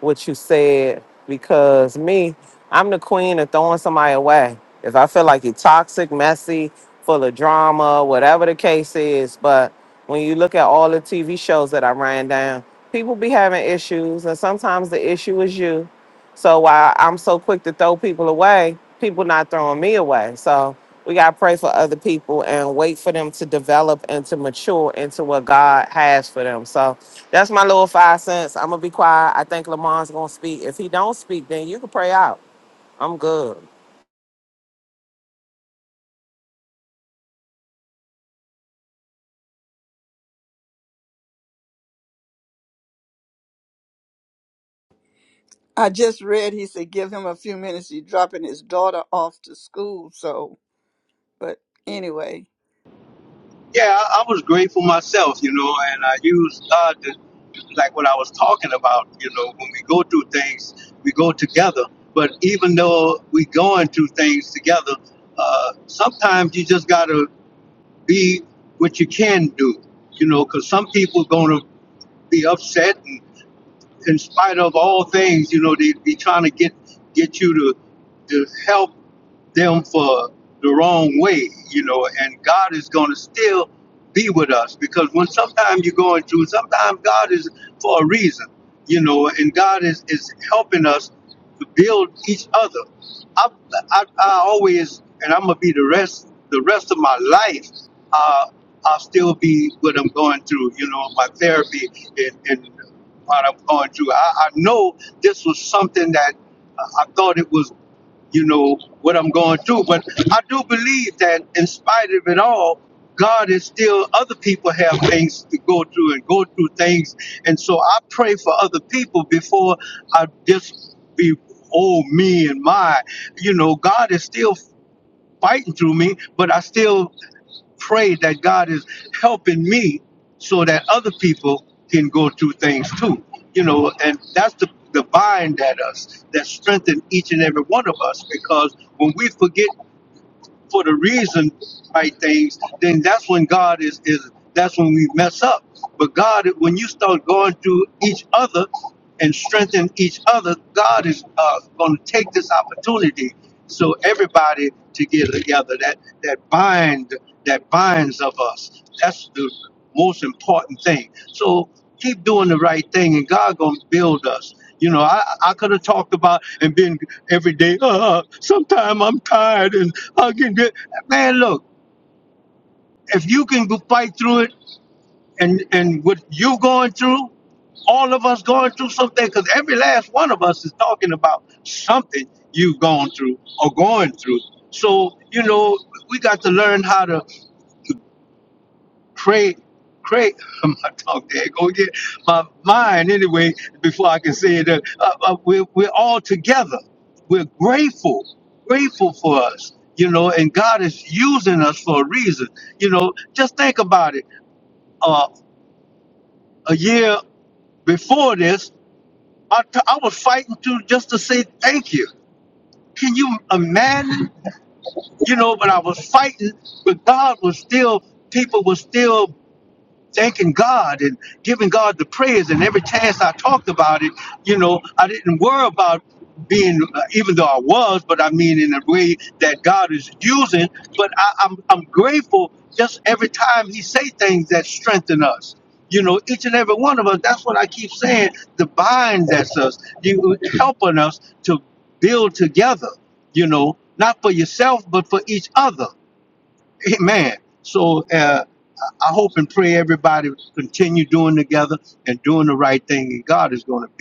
S3: what you said because me, I'm the queen of throwing somebody away. If I feel like you're toxic, messy, full of drama, whatever the case is, but when you look at all the TV shows that I ran down, people be having issues, and sometimes the issue is you. So while I'm so quick to throw people away, people not throwing me away. So we gotta pray for other people and wait for them to develop and to mature into what God has for them. So that's my little five cents. I'm gonna be quiet. I think Lamont's gonna speak. If he don't speak, then you can pray out. I'm good.
S4: I just read he said give him a few minutes. He's dropping his daughter off to school, so but anyway.
S1: uh, some you just gotta be what you can do, you know, because some people gonna be upset in spite of all things, you know, they be trying to get get you to, to help them for the wrong way, you know, and God is going to still be with us because when sometimes you're going through, sometimes God is for a reason, you know, and God is, is helping us to build each other. I, I, I always, and I'm going to be the rest, the rest of my life, uh, I'll still be what I'm going through, you know, my therapy and, and what I'm going through. I, I know this was something that I I thought it was you know, what I'm going through. But I do believe that in spite of it all, God is still, other people have things to go through and go through things. And so I pray for other people before I just be, oh, me and my. You know, God is still fighting through me, but I still pray that God is helping me so that other people can go through things too. You know, and that's the, the bind that us that strengthen each and every one of us because when we forget for the reason right things, then that's when God is is that's when we mess up. But God, when you start going through each other and strengthen each other, God is uh, going to take this opportunity so everybody to get together. That that bind that binds of us. That's the most important thing. So keep doing the right thing, and God gonna build us. You know, I I could have talked about and been every day. Uh, sometime I'm tired and Again, good. man, look, if you can go fight through it and, and what you going through, all of us going through something, because every last one of us is talking about something you've gone through or going through. So, you know, we got to learn how to Pray, pray. my dog there go get my mind anyway before I can say it. Uh, uh, we're, we're all together. We're grateful, grateful for us, you know, and God is using us for a reason. You know, just think about it. Uh, a year before this, I t- I was fighting to just to say thank you. Can you imagine? You know, but I was fighting, but God was still, people were still thanking God and giving God the praise. And every chance I talked about it, you know, I didn't worry about being, uh, even though I was, but I mean in a way that God is using. But I, I'm, I'm grateful just every time He say things that strengthen us. You know, each and every one of us. That's what I keep saying. The bind that's us, you helping us to build together. You know, not for yourself, but for each other. Amen. So. Uh, I hope and pray everybody continue doing together and doing the right thing, and God is going to be.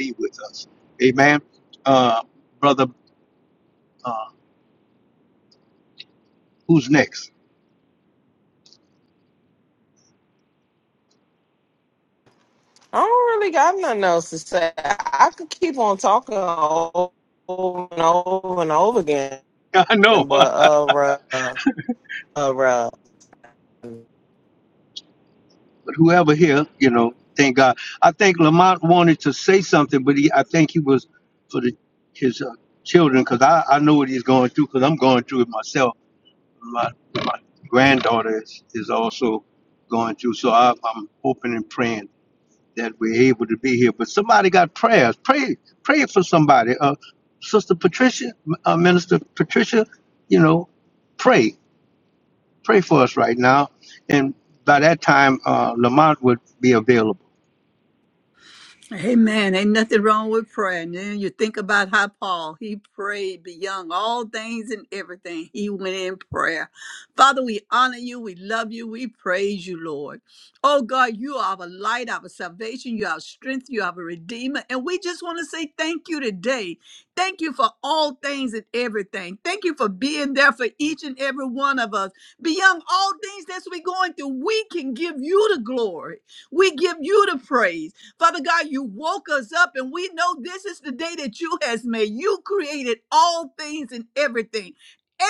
S3: I don't really got nothing else to say. I could keep on talking over and over and over again, but uh, uh, uh, uh.
S4: Amen. Ain't nothing wrong with prayer. And then you think about how Paul, he prayed beyond all things and everything. He went in prayer. Father, we honor you. We love you. We praise you, Lord. Oh God, you are our light, our salvation. You are our strength. You are our redeemer. And we just want to say thank you today. Thank you for all things and everything. Thank you for being there for each and every one of us. Beyond all things that we're going through, we can give you the glory. We give you the praise. Father God, you woke us up, and we know this is the day that you has made. You created all things and everything.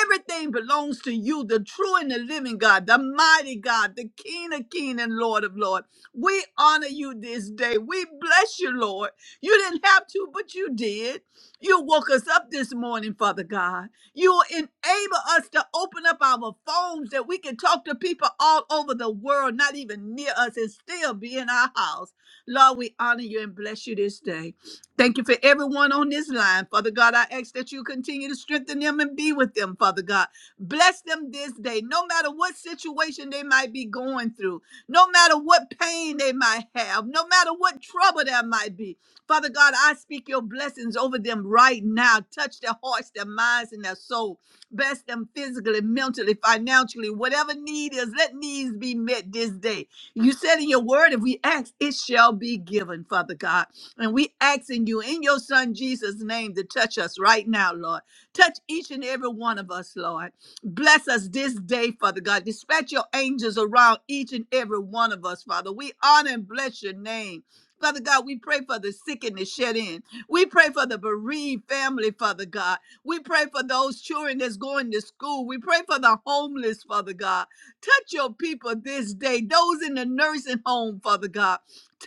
S4: Everything belongs to you, the true and the living God, the mighty God, the King of King and Lord of Lord. We honor you this day. We bless you, Lord. You didn't have to, but you did. You woke us up this morning, Father God. You enable us to open up our phones that we can talk to people all over the world, not even near us, and still be in our house. Lord, we honor you and bless you this day. Thank you for everyone on this line. Father God, I ask that you continue to strengthen them and be with them, Father God. Bless them this day, no matter what situation they might be going through, no matter what pain they might have, no matter what trouble there might be. Father God, I speak your blessings over them right now. Touch their hearts, their minds, and their soul. Bless them physically, mentally, financially, whatever need is, let needs be met this day. You said in your word, if we ask, it shall be given, Father God. And we asking you in your son Jesus' name to touch us right now, Lord. Touch each and every one of us, Lord. Bless us this day, Father God. Dispatch your angels around each and every one of us, Father. We honor and bless your name. Father God, we pray for the sick and the shed in. We pray for the bereaved family, Father God. We pray for those children that's going to school. We pray for the homeless, Father God. Touch your people this day, those in the nursing home, Father God.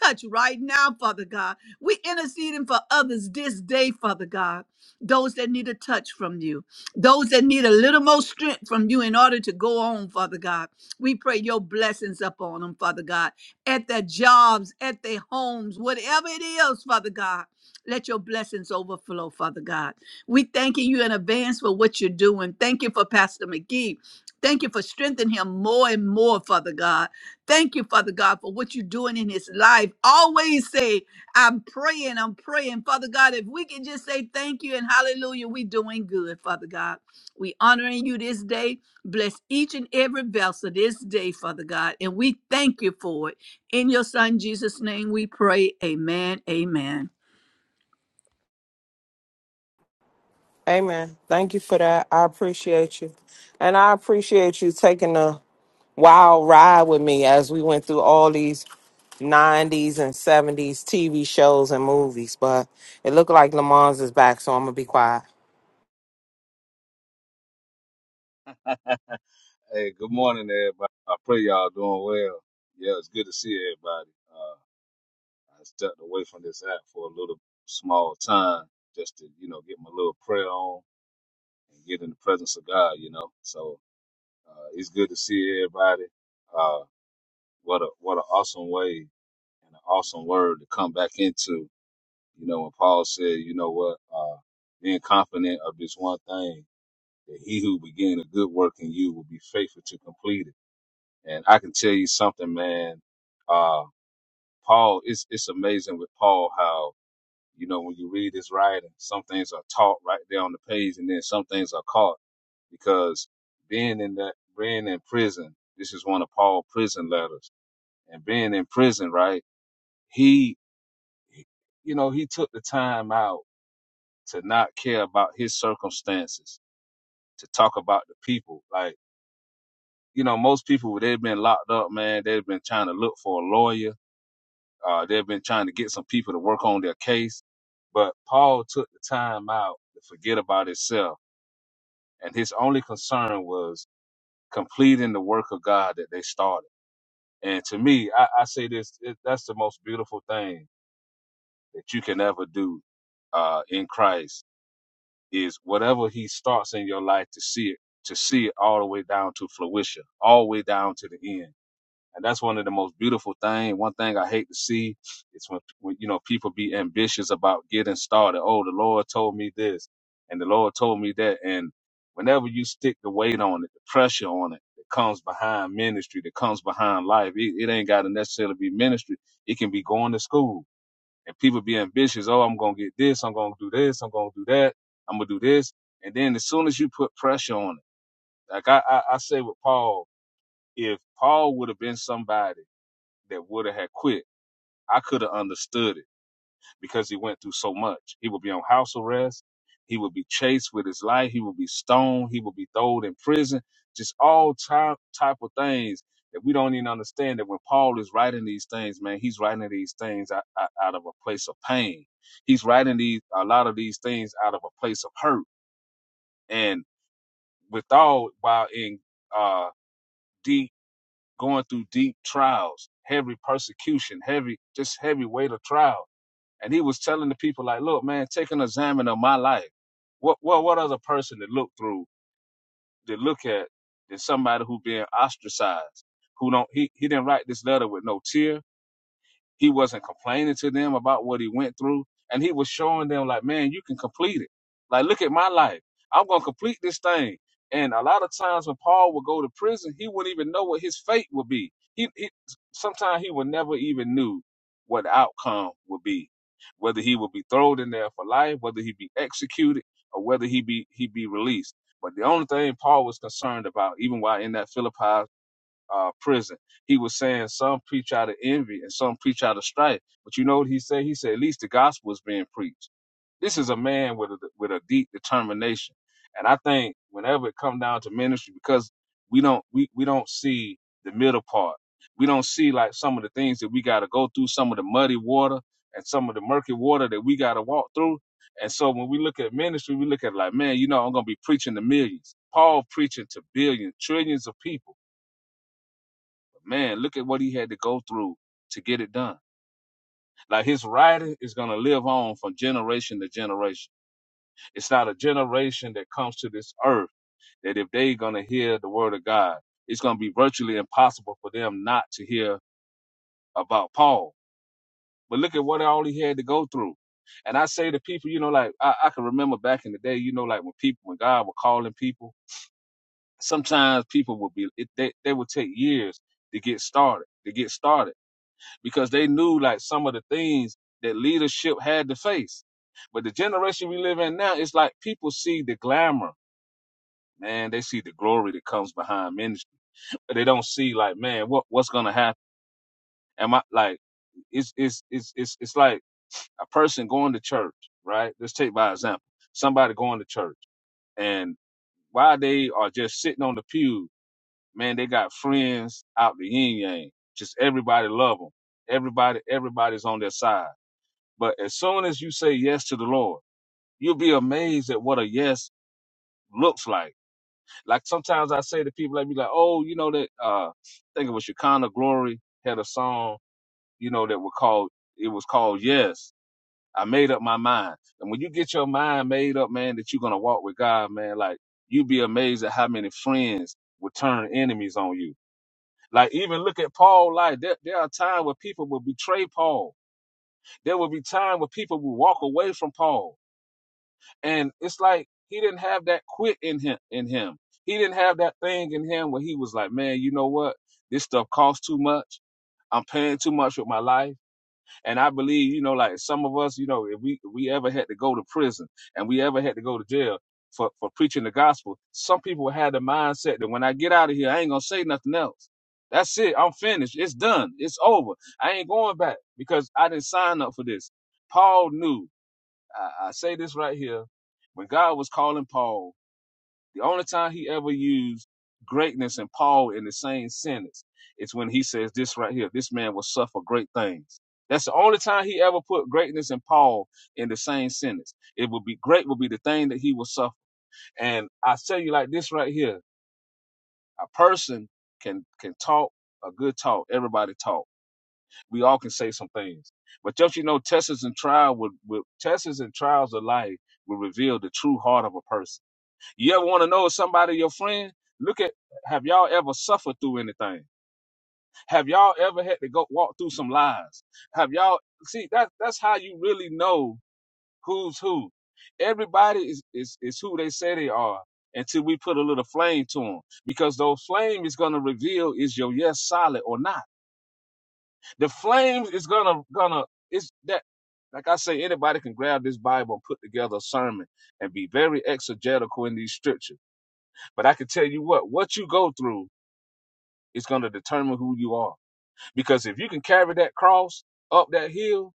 S4: Touch right now, Father God. We interceding for others this day, Father God. Those that need a touch from you, those that need a little more strength from you in order to go on, Father God. We pray your blessings upon them, Father God, at their jobs, at their homes, whatever it is, Father God. Let your blessings overflow, Father God. We thanking you in advance for what you're doing. Thank you for Pastor McGee. Thank you for strengthening him more and more, Father God. Thank you, Father God, for what you're doing in his life. Always say, I'm praying, I'm praying. Father God, if we can just say thank you and hallelujah, we doing good, Father God. We honoring you this day. Bless each and every vessel this day, Father God. And we thank you for it. In your son Jesus' name we pray. Amen. Amen.
S3: Amen. Thank you for that. I appreciate you. And I appreciate you taking a wild ride with me as we went through all these 90s and 70s TV shows and movies. But it looked like Lamont's is back, so I'm going to be quiet.
S5: Hey, good morning, everybody. I pray y'all doing well. Yeah, it's good to see everybody. Uh, I stepped away from this app for a little small time just to, you know, get my little prayer on and get in the presence of God, you know. So uh, it's good to see everybody. Uh, what a what an awesome way and an awesome word to come back into. You know, when Paul said, you know what, uh, being confident of this one thing, that he who began a good work in you will be faithful to complete it. And I can tell you something, man. Uh, Paul, it's it's amazing with Paul how you know when you read his writing, some things are taught right there on the page, and then some things are caught because being in that being in prison, this is one of Paul's prison letters, and being in prison, right? He, you know, he took the time out to not care about his circumstances, to talk about the people. Like, you know, most people they've been locked up, man. They've been trying to look for a lawyer Uh, they've been trying to get some people to work on their case, but Paul took the time out to forget about himself, and his only concern was completing the work of God that they started. And to me, I, I say this: it, that's the most beautiful thing that you can ever do uh, in Christ is whatever He starts in your life to see it, to see it all the way down to fruition, all the way down to the end and that's one of the most beautiful things. One thing I hate to see is when, when you know people be ambitious about getting started. Oh, the Lord told me this, and the Lord told me that, and whenever you stick the weight on it, the pressure on it that comes behind ministry, that comes behind life, it, it ain't got to necessarily be ministry. It can be going to school and people be ambitious. Oh, I'm gonna get this. I'm gonna do this. I'm gonna do that. I'm gonna do this. And then as soon as you put pressure on it, like I, I, I say with Paul, if Paul would have been somebody that would have had quit, I could have understood it because he went through so much. He would be on house arrest. He would be chased with his life. He would be stoned. He would be thrown in prison. Just all type type of things that we don't even understand. That when Paul is writing these things, man, he's writing these things out, out, out of a place of pain. He's writing these a lot of these things out of a place of hurt. And with all while in uh, deep going through deep trials, heavy persecution, heavy just heavy weight of trials and he was telling the people like, look, man, take an examine of my life. What what what other person to look through, to look at, than somebody who being ostracized, who don't he he didn't write this letter with no tear. He wasn't complaining to them about what he went through. And he was showing them, like, man, you can complete it. Like, look at my life. I'm going to complete this thing. And a lot of times when Paul would go to prison, he wouldn't even know what his fate would be. He, he Sometimes he would never even knew what the outcome would be, whether he would be thrown in there for life, whether he would be executed, or whether he be he be released. But the only thing Paul was concerned about, even while in that Philippi uh, prison. He was saying some preach out of envy and some preach out of strife. But you know what he said? He said at least the gospel is being preached. This is a man with a, with a deep determination, and I think whenever it come down to ministry, because we don't we, we don't see the middle part. We don't see like some of the things that we got to go through, some of the muddy water and some of the murky water that we got to walk through. And so when we look at ministry, we look at it like, man, you know, I'm gonna be preaching to millions. Paul preaching to billions, trillions of people man, look at what he had to go through to get it done. Like his writing is going to live on from generation to generation. It's not a generation that comes to this earth that if they're going to hear the word of God, it's going to be virtually impossible for them not to hear about Paul. But look at what all he had to go through. And I say to people, you know, like I, I can remember back in the day, you know, like when people, when God was calling people, sometimes people would be, it, they, they would take years to get started, to get started because they knew like some of the things that leadership had to face. But the generation we live in now, it's like people see the glamour, man. They see the glory that comes behind ministry. they don't see like, man, what what's gonna happen? Am I like? It's it's it's it's it's like a person going to church, right? Let's take by example somebody going to church, and while they are just sitting on the pew, man, they got friends out the yin yang. Just everybody love them. Everybody everybody's on their side But as soon as you say yes to the Lord, you'll be amazed at what a yes looks like. Like sometimes I say to people, like be like, oh, you know that uh I think it was Shekinah Glory had a song, you know, that was called it was called Yes. I made up my mind. And when you get your mind made up, man, that you're gonna walk with God, man, like you'd be amazed at how many friends would turn enemies on you. Like even look at Paul Like There, there are times where people will betray Paul. There will be times where people will walk away from Paul And it's like he didn't have that quit in him in him. He didn't have that thing in him where he was like, Man, you know what? This stuff costs too much. I'm paying too much with my life. And I believe, you know, like some of us, you know, if we if we ever had to go to prison and we ever had to go to jail for, for preaching the gospel, some people had the mindset that when I get out of here, I ain't gonna say nothing else. That's it. I'm finished. It's done. It's over. I ain't going back because I didn't sign up for this. Paul knew I, I say this right here. When God was calling Paul, the only time he ever used greatness and Paul in the same sentence is when he says this right here this man will suffer great things. That's the only time he ever put greatness and Paul in the same sentence. It would be great, would be the thing that he will suffer. And I tell you like this right here a person can can talk a good talk. Everybody talk we all can say some things. But just you know, tests and trial would, would tests and trials of life will reveal the true heart of a person. You ever want to know if somebody your friend? Look at have y'all ever suffered through anything? Have y'all ever had to go walk through some lies? Have y'all see that that's how you really know who's who. Everybody is, is is who they say they are until we put a little flame to them because those flame is going to reveal is your yes solid or not the flames is gonna gonna it's that like I say, anybody can grab this Bible and put together a sermon and be very exegetical in these scriptures. But I can tell you what, what you go through is gonna determine who you are. Because if you can carry that cross up that hill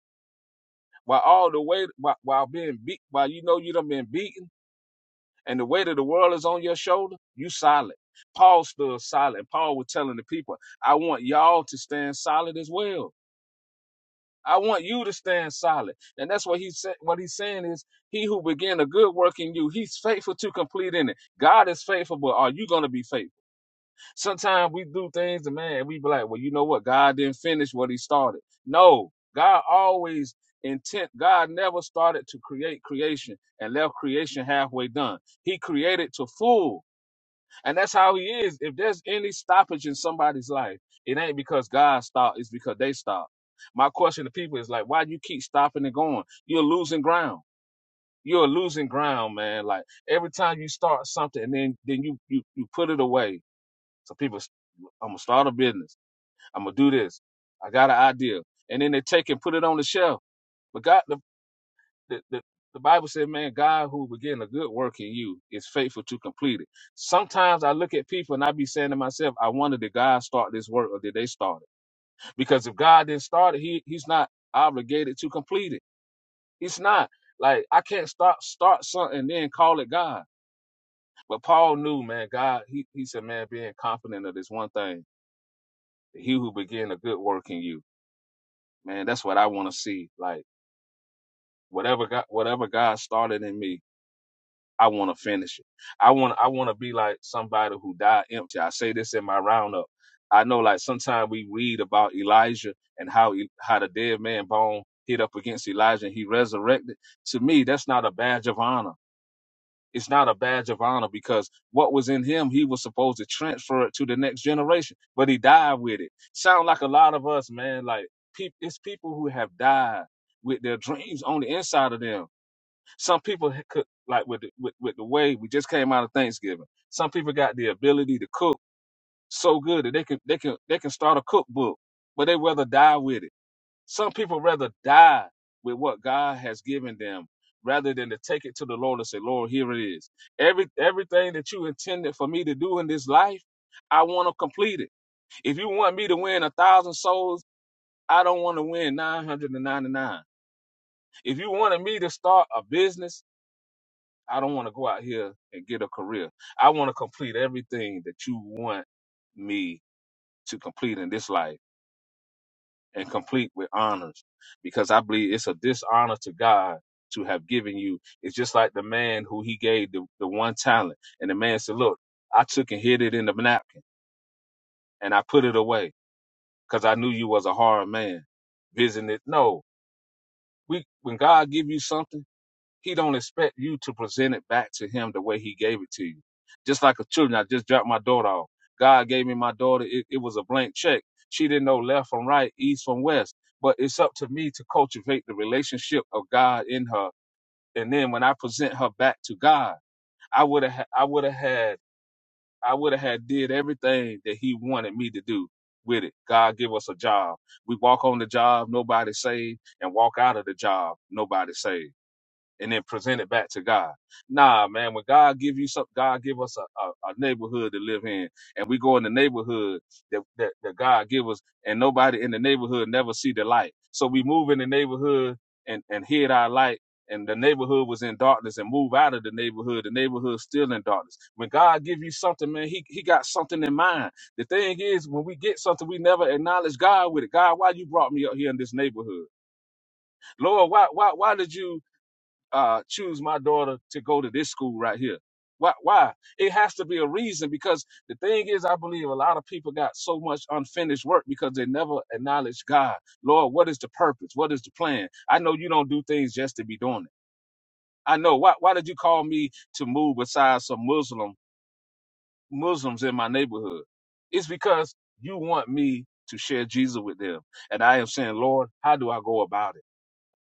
S5: while all the way while, while being beat while you know you done been beaten and the weight of the world is on your shoulder, you solid. Paul stood solid. Paul was telling the people, I want y'all to stand solid as well I want you to stand solid. And that's what he said. What he's saying is, he who began a good work in you, he's faithful to complete in it. God is faithful, but are you going to be faithful? Sometimes we do things and man, we be like, well, you know what? God didn't finish what he started. No, God always intent. God never started to create creation and left creation halfway done. He created to full. And that's how he is. If there's any stoppage in somebody's life, it ain't because God stopped, it's because they stopped. My question to people is like, why do you keep stopping and going? You're losing ground. You're losing ground, man. Like every time you start something and then then you you you put it away. So people I'm gonna start a business. I'm gonna do this. I got an idea. And then they take and put it on the shelf. But God the, the, the Bible said, man, God who began a good work in you is faithful to complete it. Sometimes I look at people and I be saying to myself, I wonder did God start this work or did they start it? Because if God didn't start it, he, he's not obligated to complete it. He's not. Like I can't start start something and then call it God. But Paul knew, man, God, he, he said, man, being confident of this one thing, that he who began a good work in you, man, that's what I want to see. Like whatever God, whatever God started in me, I want to finish it. I want I want to be like somebody who died empty. I say this in my roundup. I know like sometimes we read about Elijah and how he, how the dead man bone hit up against Elijah and he resurrected. To me, that's not a badge of honor. It's not a badge of honor because what was in him, he was supposed to transfer it to the next generation, but he died with it. Sound like a lot of us, man. Like peop it's people who have died with their dreams on the inside of them some people ha- could like with the, with, with the way we just came out of Thanksgiving. Some people got the ability to cook so good that they can they can they can start a cookbook, but they rather die with it. Some people rather die with what God has given them rather than to take it to the Lord and say, Lord, here it is. Every everything that you intended for me to do in this life, I want to complete it. If you want me to win a thousand souls, I don't want to win nine hundred and ninety nine. If you wanted me to start a business, I don't want to go out here and get a career. I want to complete everything that you want me to complete in this life and complete with honors because I believe it's a dishonor to God to have given you. It's just like the man who he gave the, the one talent. And the man said, Look, I took and hid it in the napkin and I put it away because I knew you was a hard man. Visiting it. No, we, when God give you something, he don't expect you to present it back to him the way he gave it to you. Just like a children, I just dropped my daughter off. God gave me my daughter. It, it was a blank check. She didn't know left from right, east from west. But it's up to me to cultivate the relationship of God in her. And then when I present her back to God, I would have, I would have had, I would have had did everything that He wanted me to do with it. God give us a job. We walk on the job, nobody saved, and walk out of the job, nobody saved and then present it back to God. Nah, man, when God give you something, God give us a, a, a neighborhood to live in, and we go in the neighborhood that, that that God give us, and nobody in the neighborhood never see the light. So we move in the neighborhood and and hid our light. And the neighborhood was in darkness, and move out of the neighborhood. The neighborhood still in darkness. When God give you something, man, He He got something in mind. The thing is, when we get something, we never acknowledge God with it. God, why you brought me up here in this neighborhood? Lord, why why why did you uh, choose my daughter to go to this school right here. Why? Why? It has to be a reason because the thing is, I believe a lot of people got so much unfinished work because they never acknowledge God. Lord, what is the purpose? What is the plan? I know you don't do things just to be doing it. I know. Why? Why did you call me to move beside some Muslim Muslims in my neighborhood? It's because you want me to share Jesus with them, and I am saying, Lord, how do I go about it?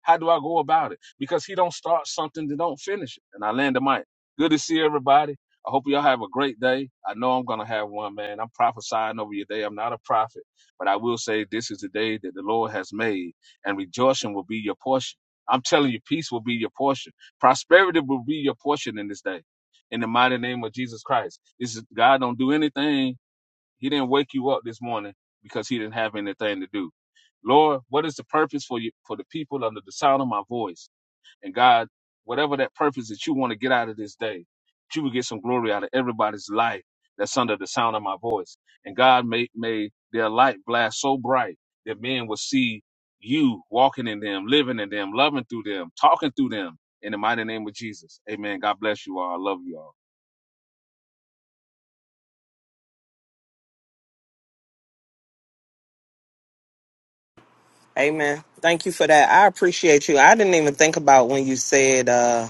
S5: How do I go about it? Because he don't start something that don't finish it. And I land the mic. Good to see everybody. I hope y'all have a great day. I know I'm gonna have one, man. I'm prophesying over your day. I'm not a prophet, but I will say this is the day that the Lord has made, and rejoicing will be your portion. I'm telling you, peace will be your portion. Prosperity will be your portion in this day. In the mighty name of Jesus Christ. This is God don't do anything he didn't wake you up this morning because he didn't have anything to do. Lord, what is the purpose for you for the people under the sound of my voice? And God, whatever that purpose that you want to get out of this day, that you will get some glory out of everybody's life that's under the sound of my voice. And God may may their light blast so bright that men will see you walking in them, living in them, loving through them, talking through them. In the mighty name of Jesus. Amen. God bless you all. I love you all.
S3: Amen. Thank you for that. I appreciate you. I didn't even think about when you said uh,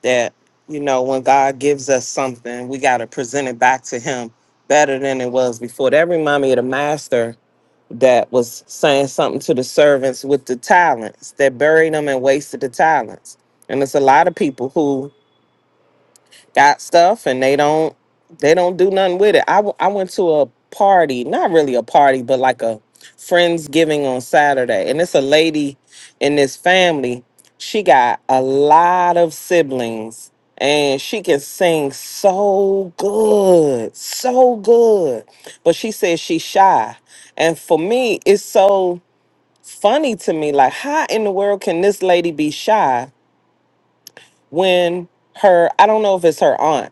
S3: that, you know, when God gives us something, we got to present it back to Him better than it was before. That reminded me of the master that was saying something to the servants with the talents that buried them and wasted the talents. And it's a lot of people who got stuff and they don't they don't do nothing with it. I, w- I went to a party, not really a party, but like a friends giving on Saturday, and it's a lady in this family. She got a lot of siblings, and she can sing so good, so good. But she says she's shy, and for me, it's so funny to me. Like, how in the world can this lady be shy when her? I don't know if it's her aunt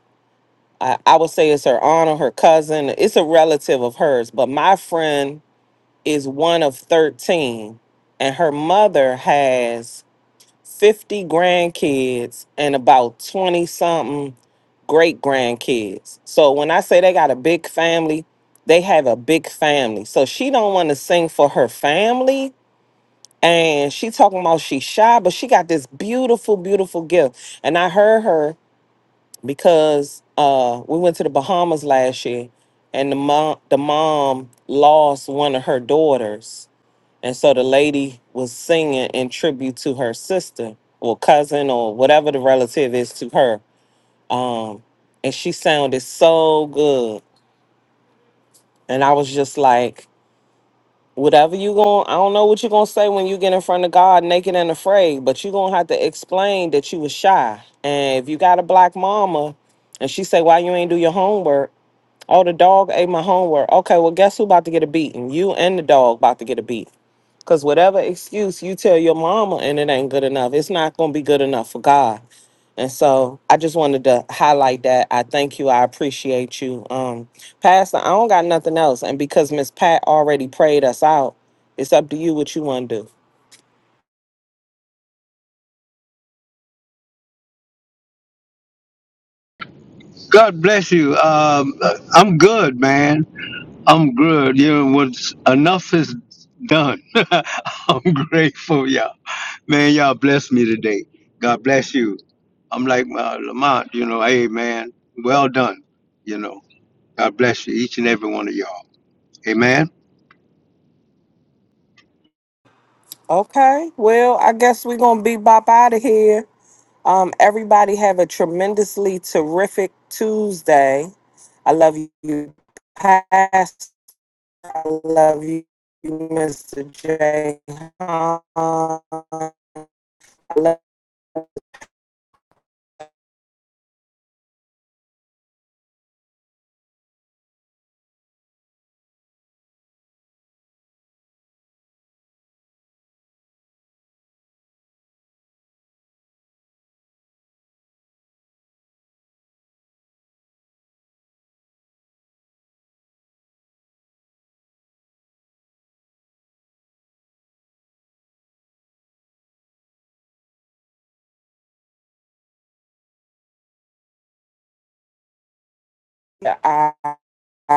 S3: I, I would say it's her aunt or her cousin. It's a relative of hers, but my friend is one of 13, and her mother has 50 grandkids and about 20 something great grandkids. So when I say they got a big family, they have a big family. So she don't want to sing for her family. And she talking about she's shy, but she got this beautiful, beautiful gift. And I heard her because uh, we went to the Bahamas last year, and the mom the mom lost one of her daughters, and so the lady was singing in tribute to her sister or cousin or whatever the relative is to her. Um, and she sounded so good, and I was just like. Whatever you going, I don't know what you're gonna say when you get in front of God naked and afraid, but you're gonna have to explain that you was shy. And if you got a black mama and she say, Why you ain't do your homework? Oh, the dog ate my homework. Okay, well, guess who about to get a beating? You and the dog about to get a beat. Because whatever excuse you tell your mama and it ain't good enough, it's not going to be good enough for God. And so I just wanted to highlight that. I thank you. I appreciate you. Um, Pastor, I don't got nothing else. And because Miss Pat already prayed us out, it's up to you what you want to do. Okay, well, I guess we're going to be bop out of here. Um, everybody have a tremendously terrific Tuesday. I love you, Pastor. I love you, Mr. J. Huh? I love you.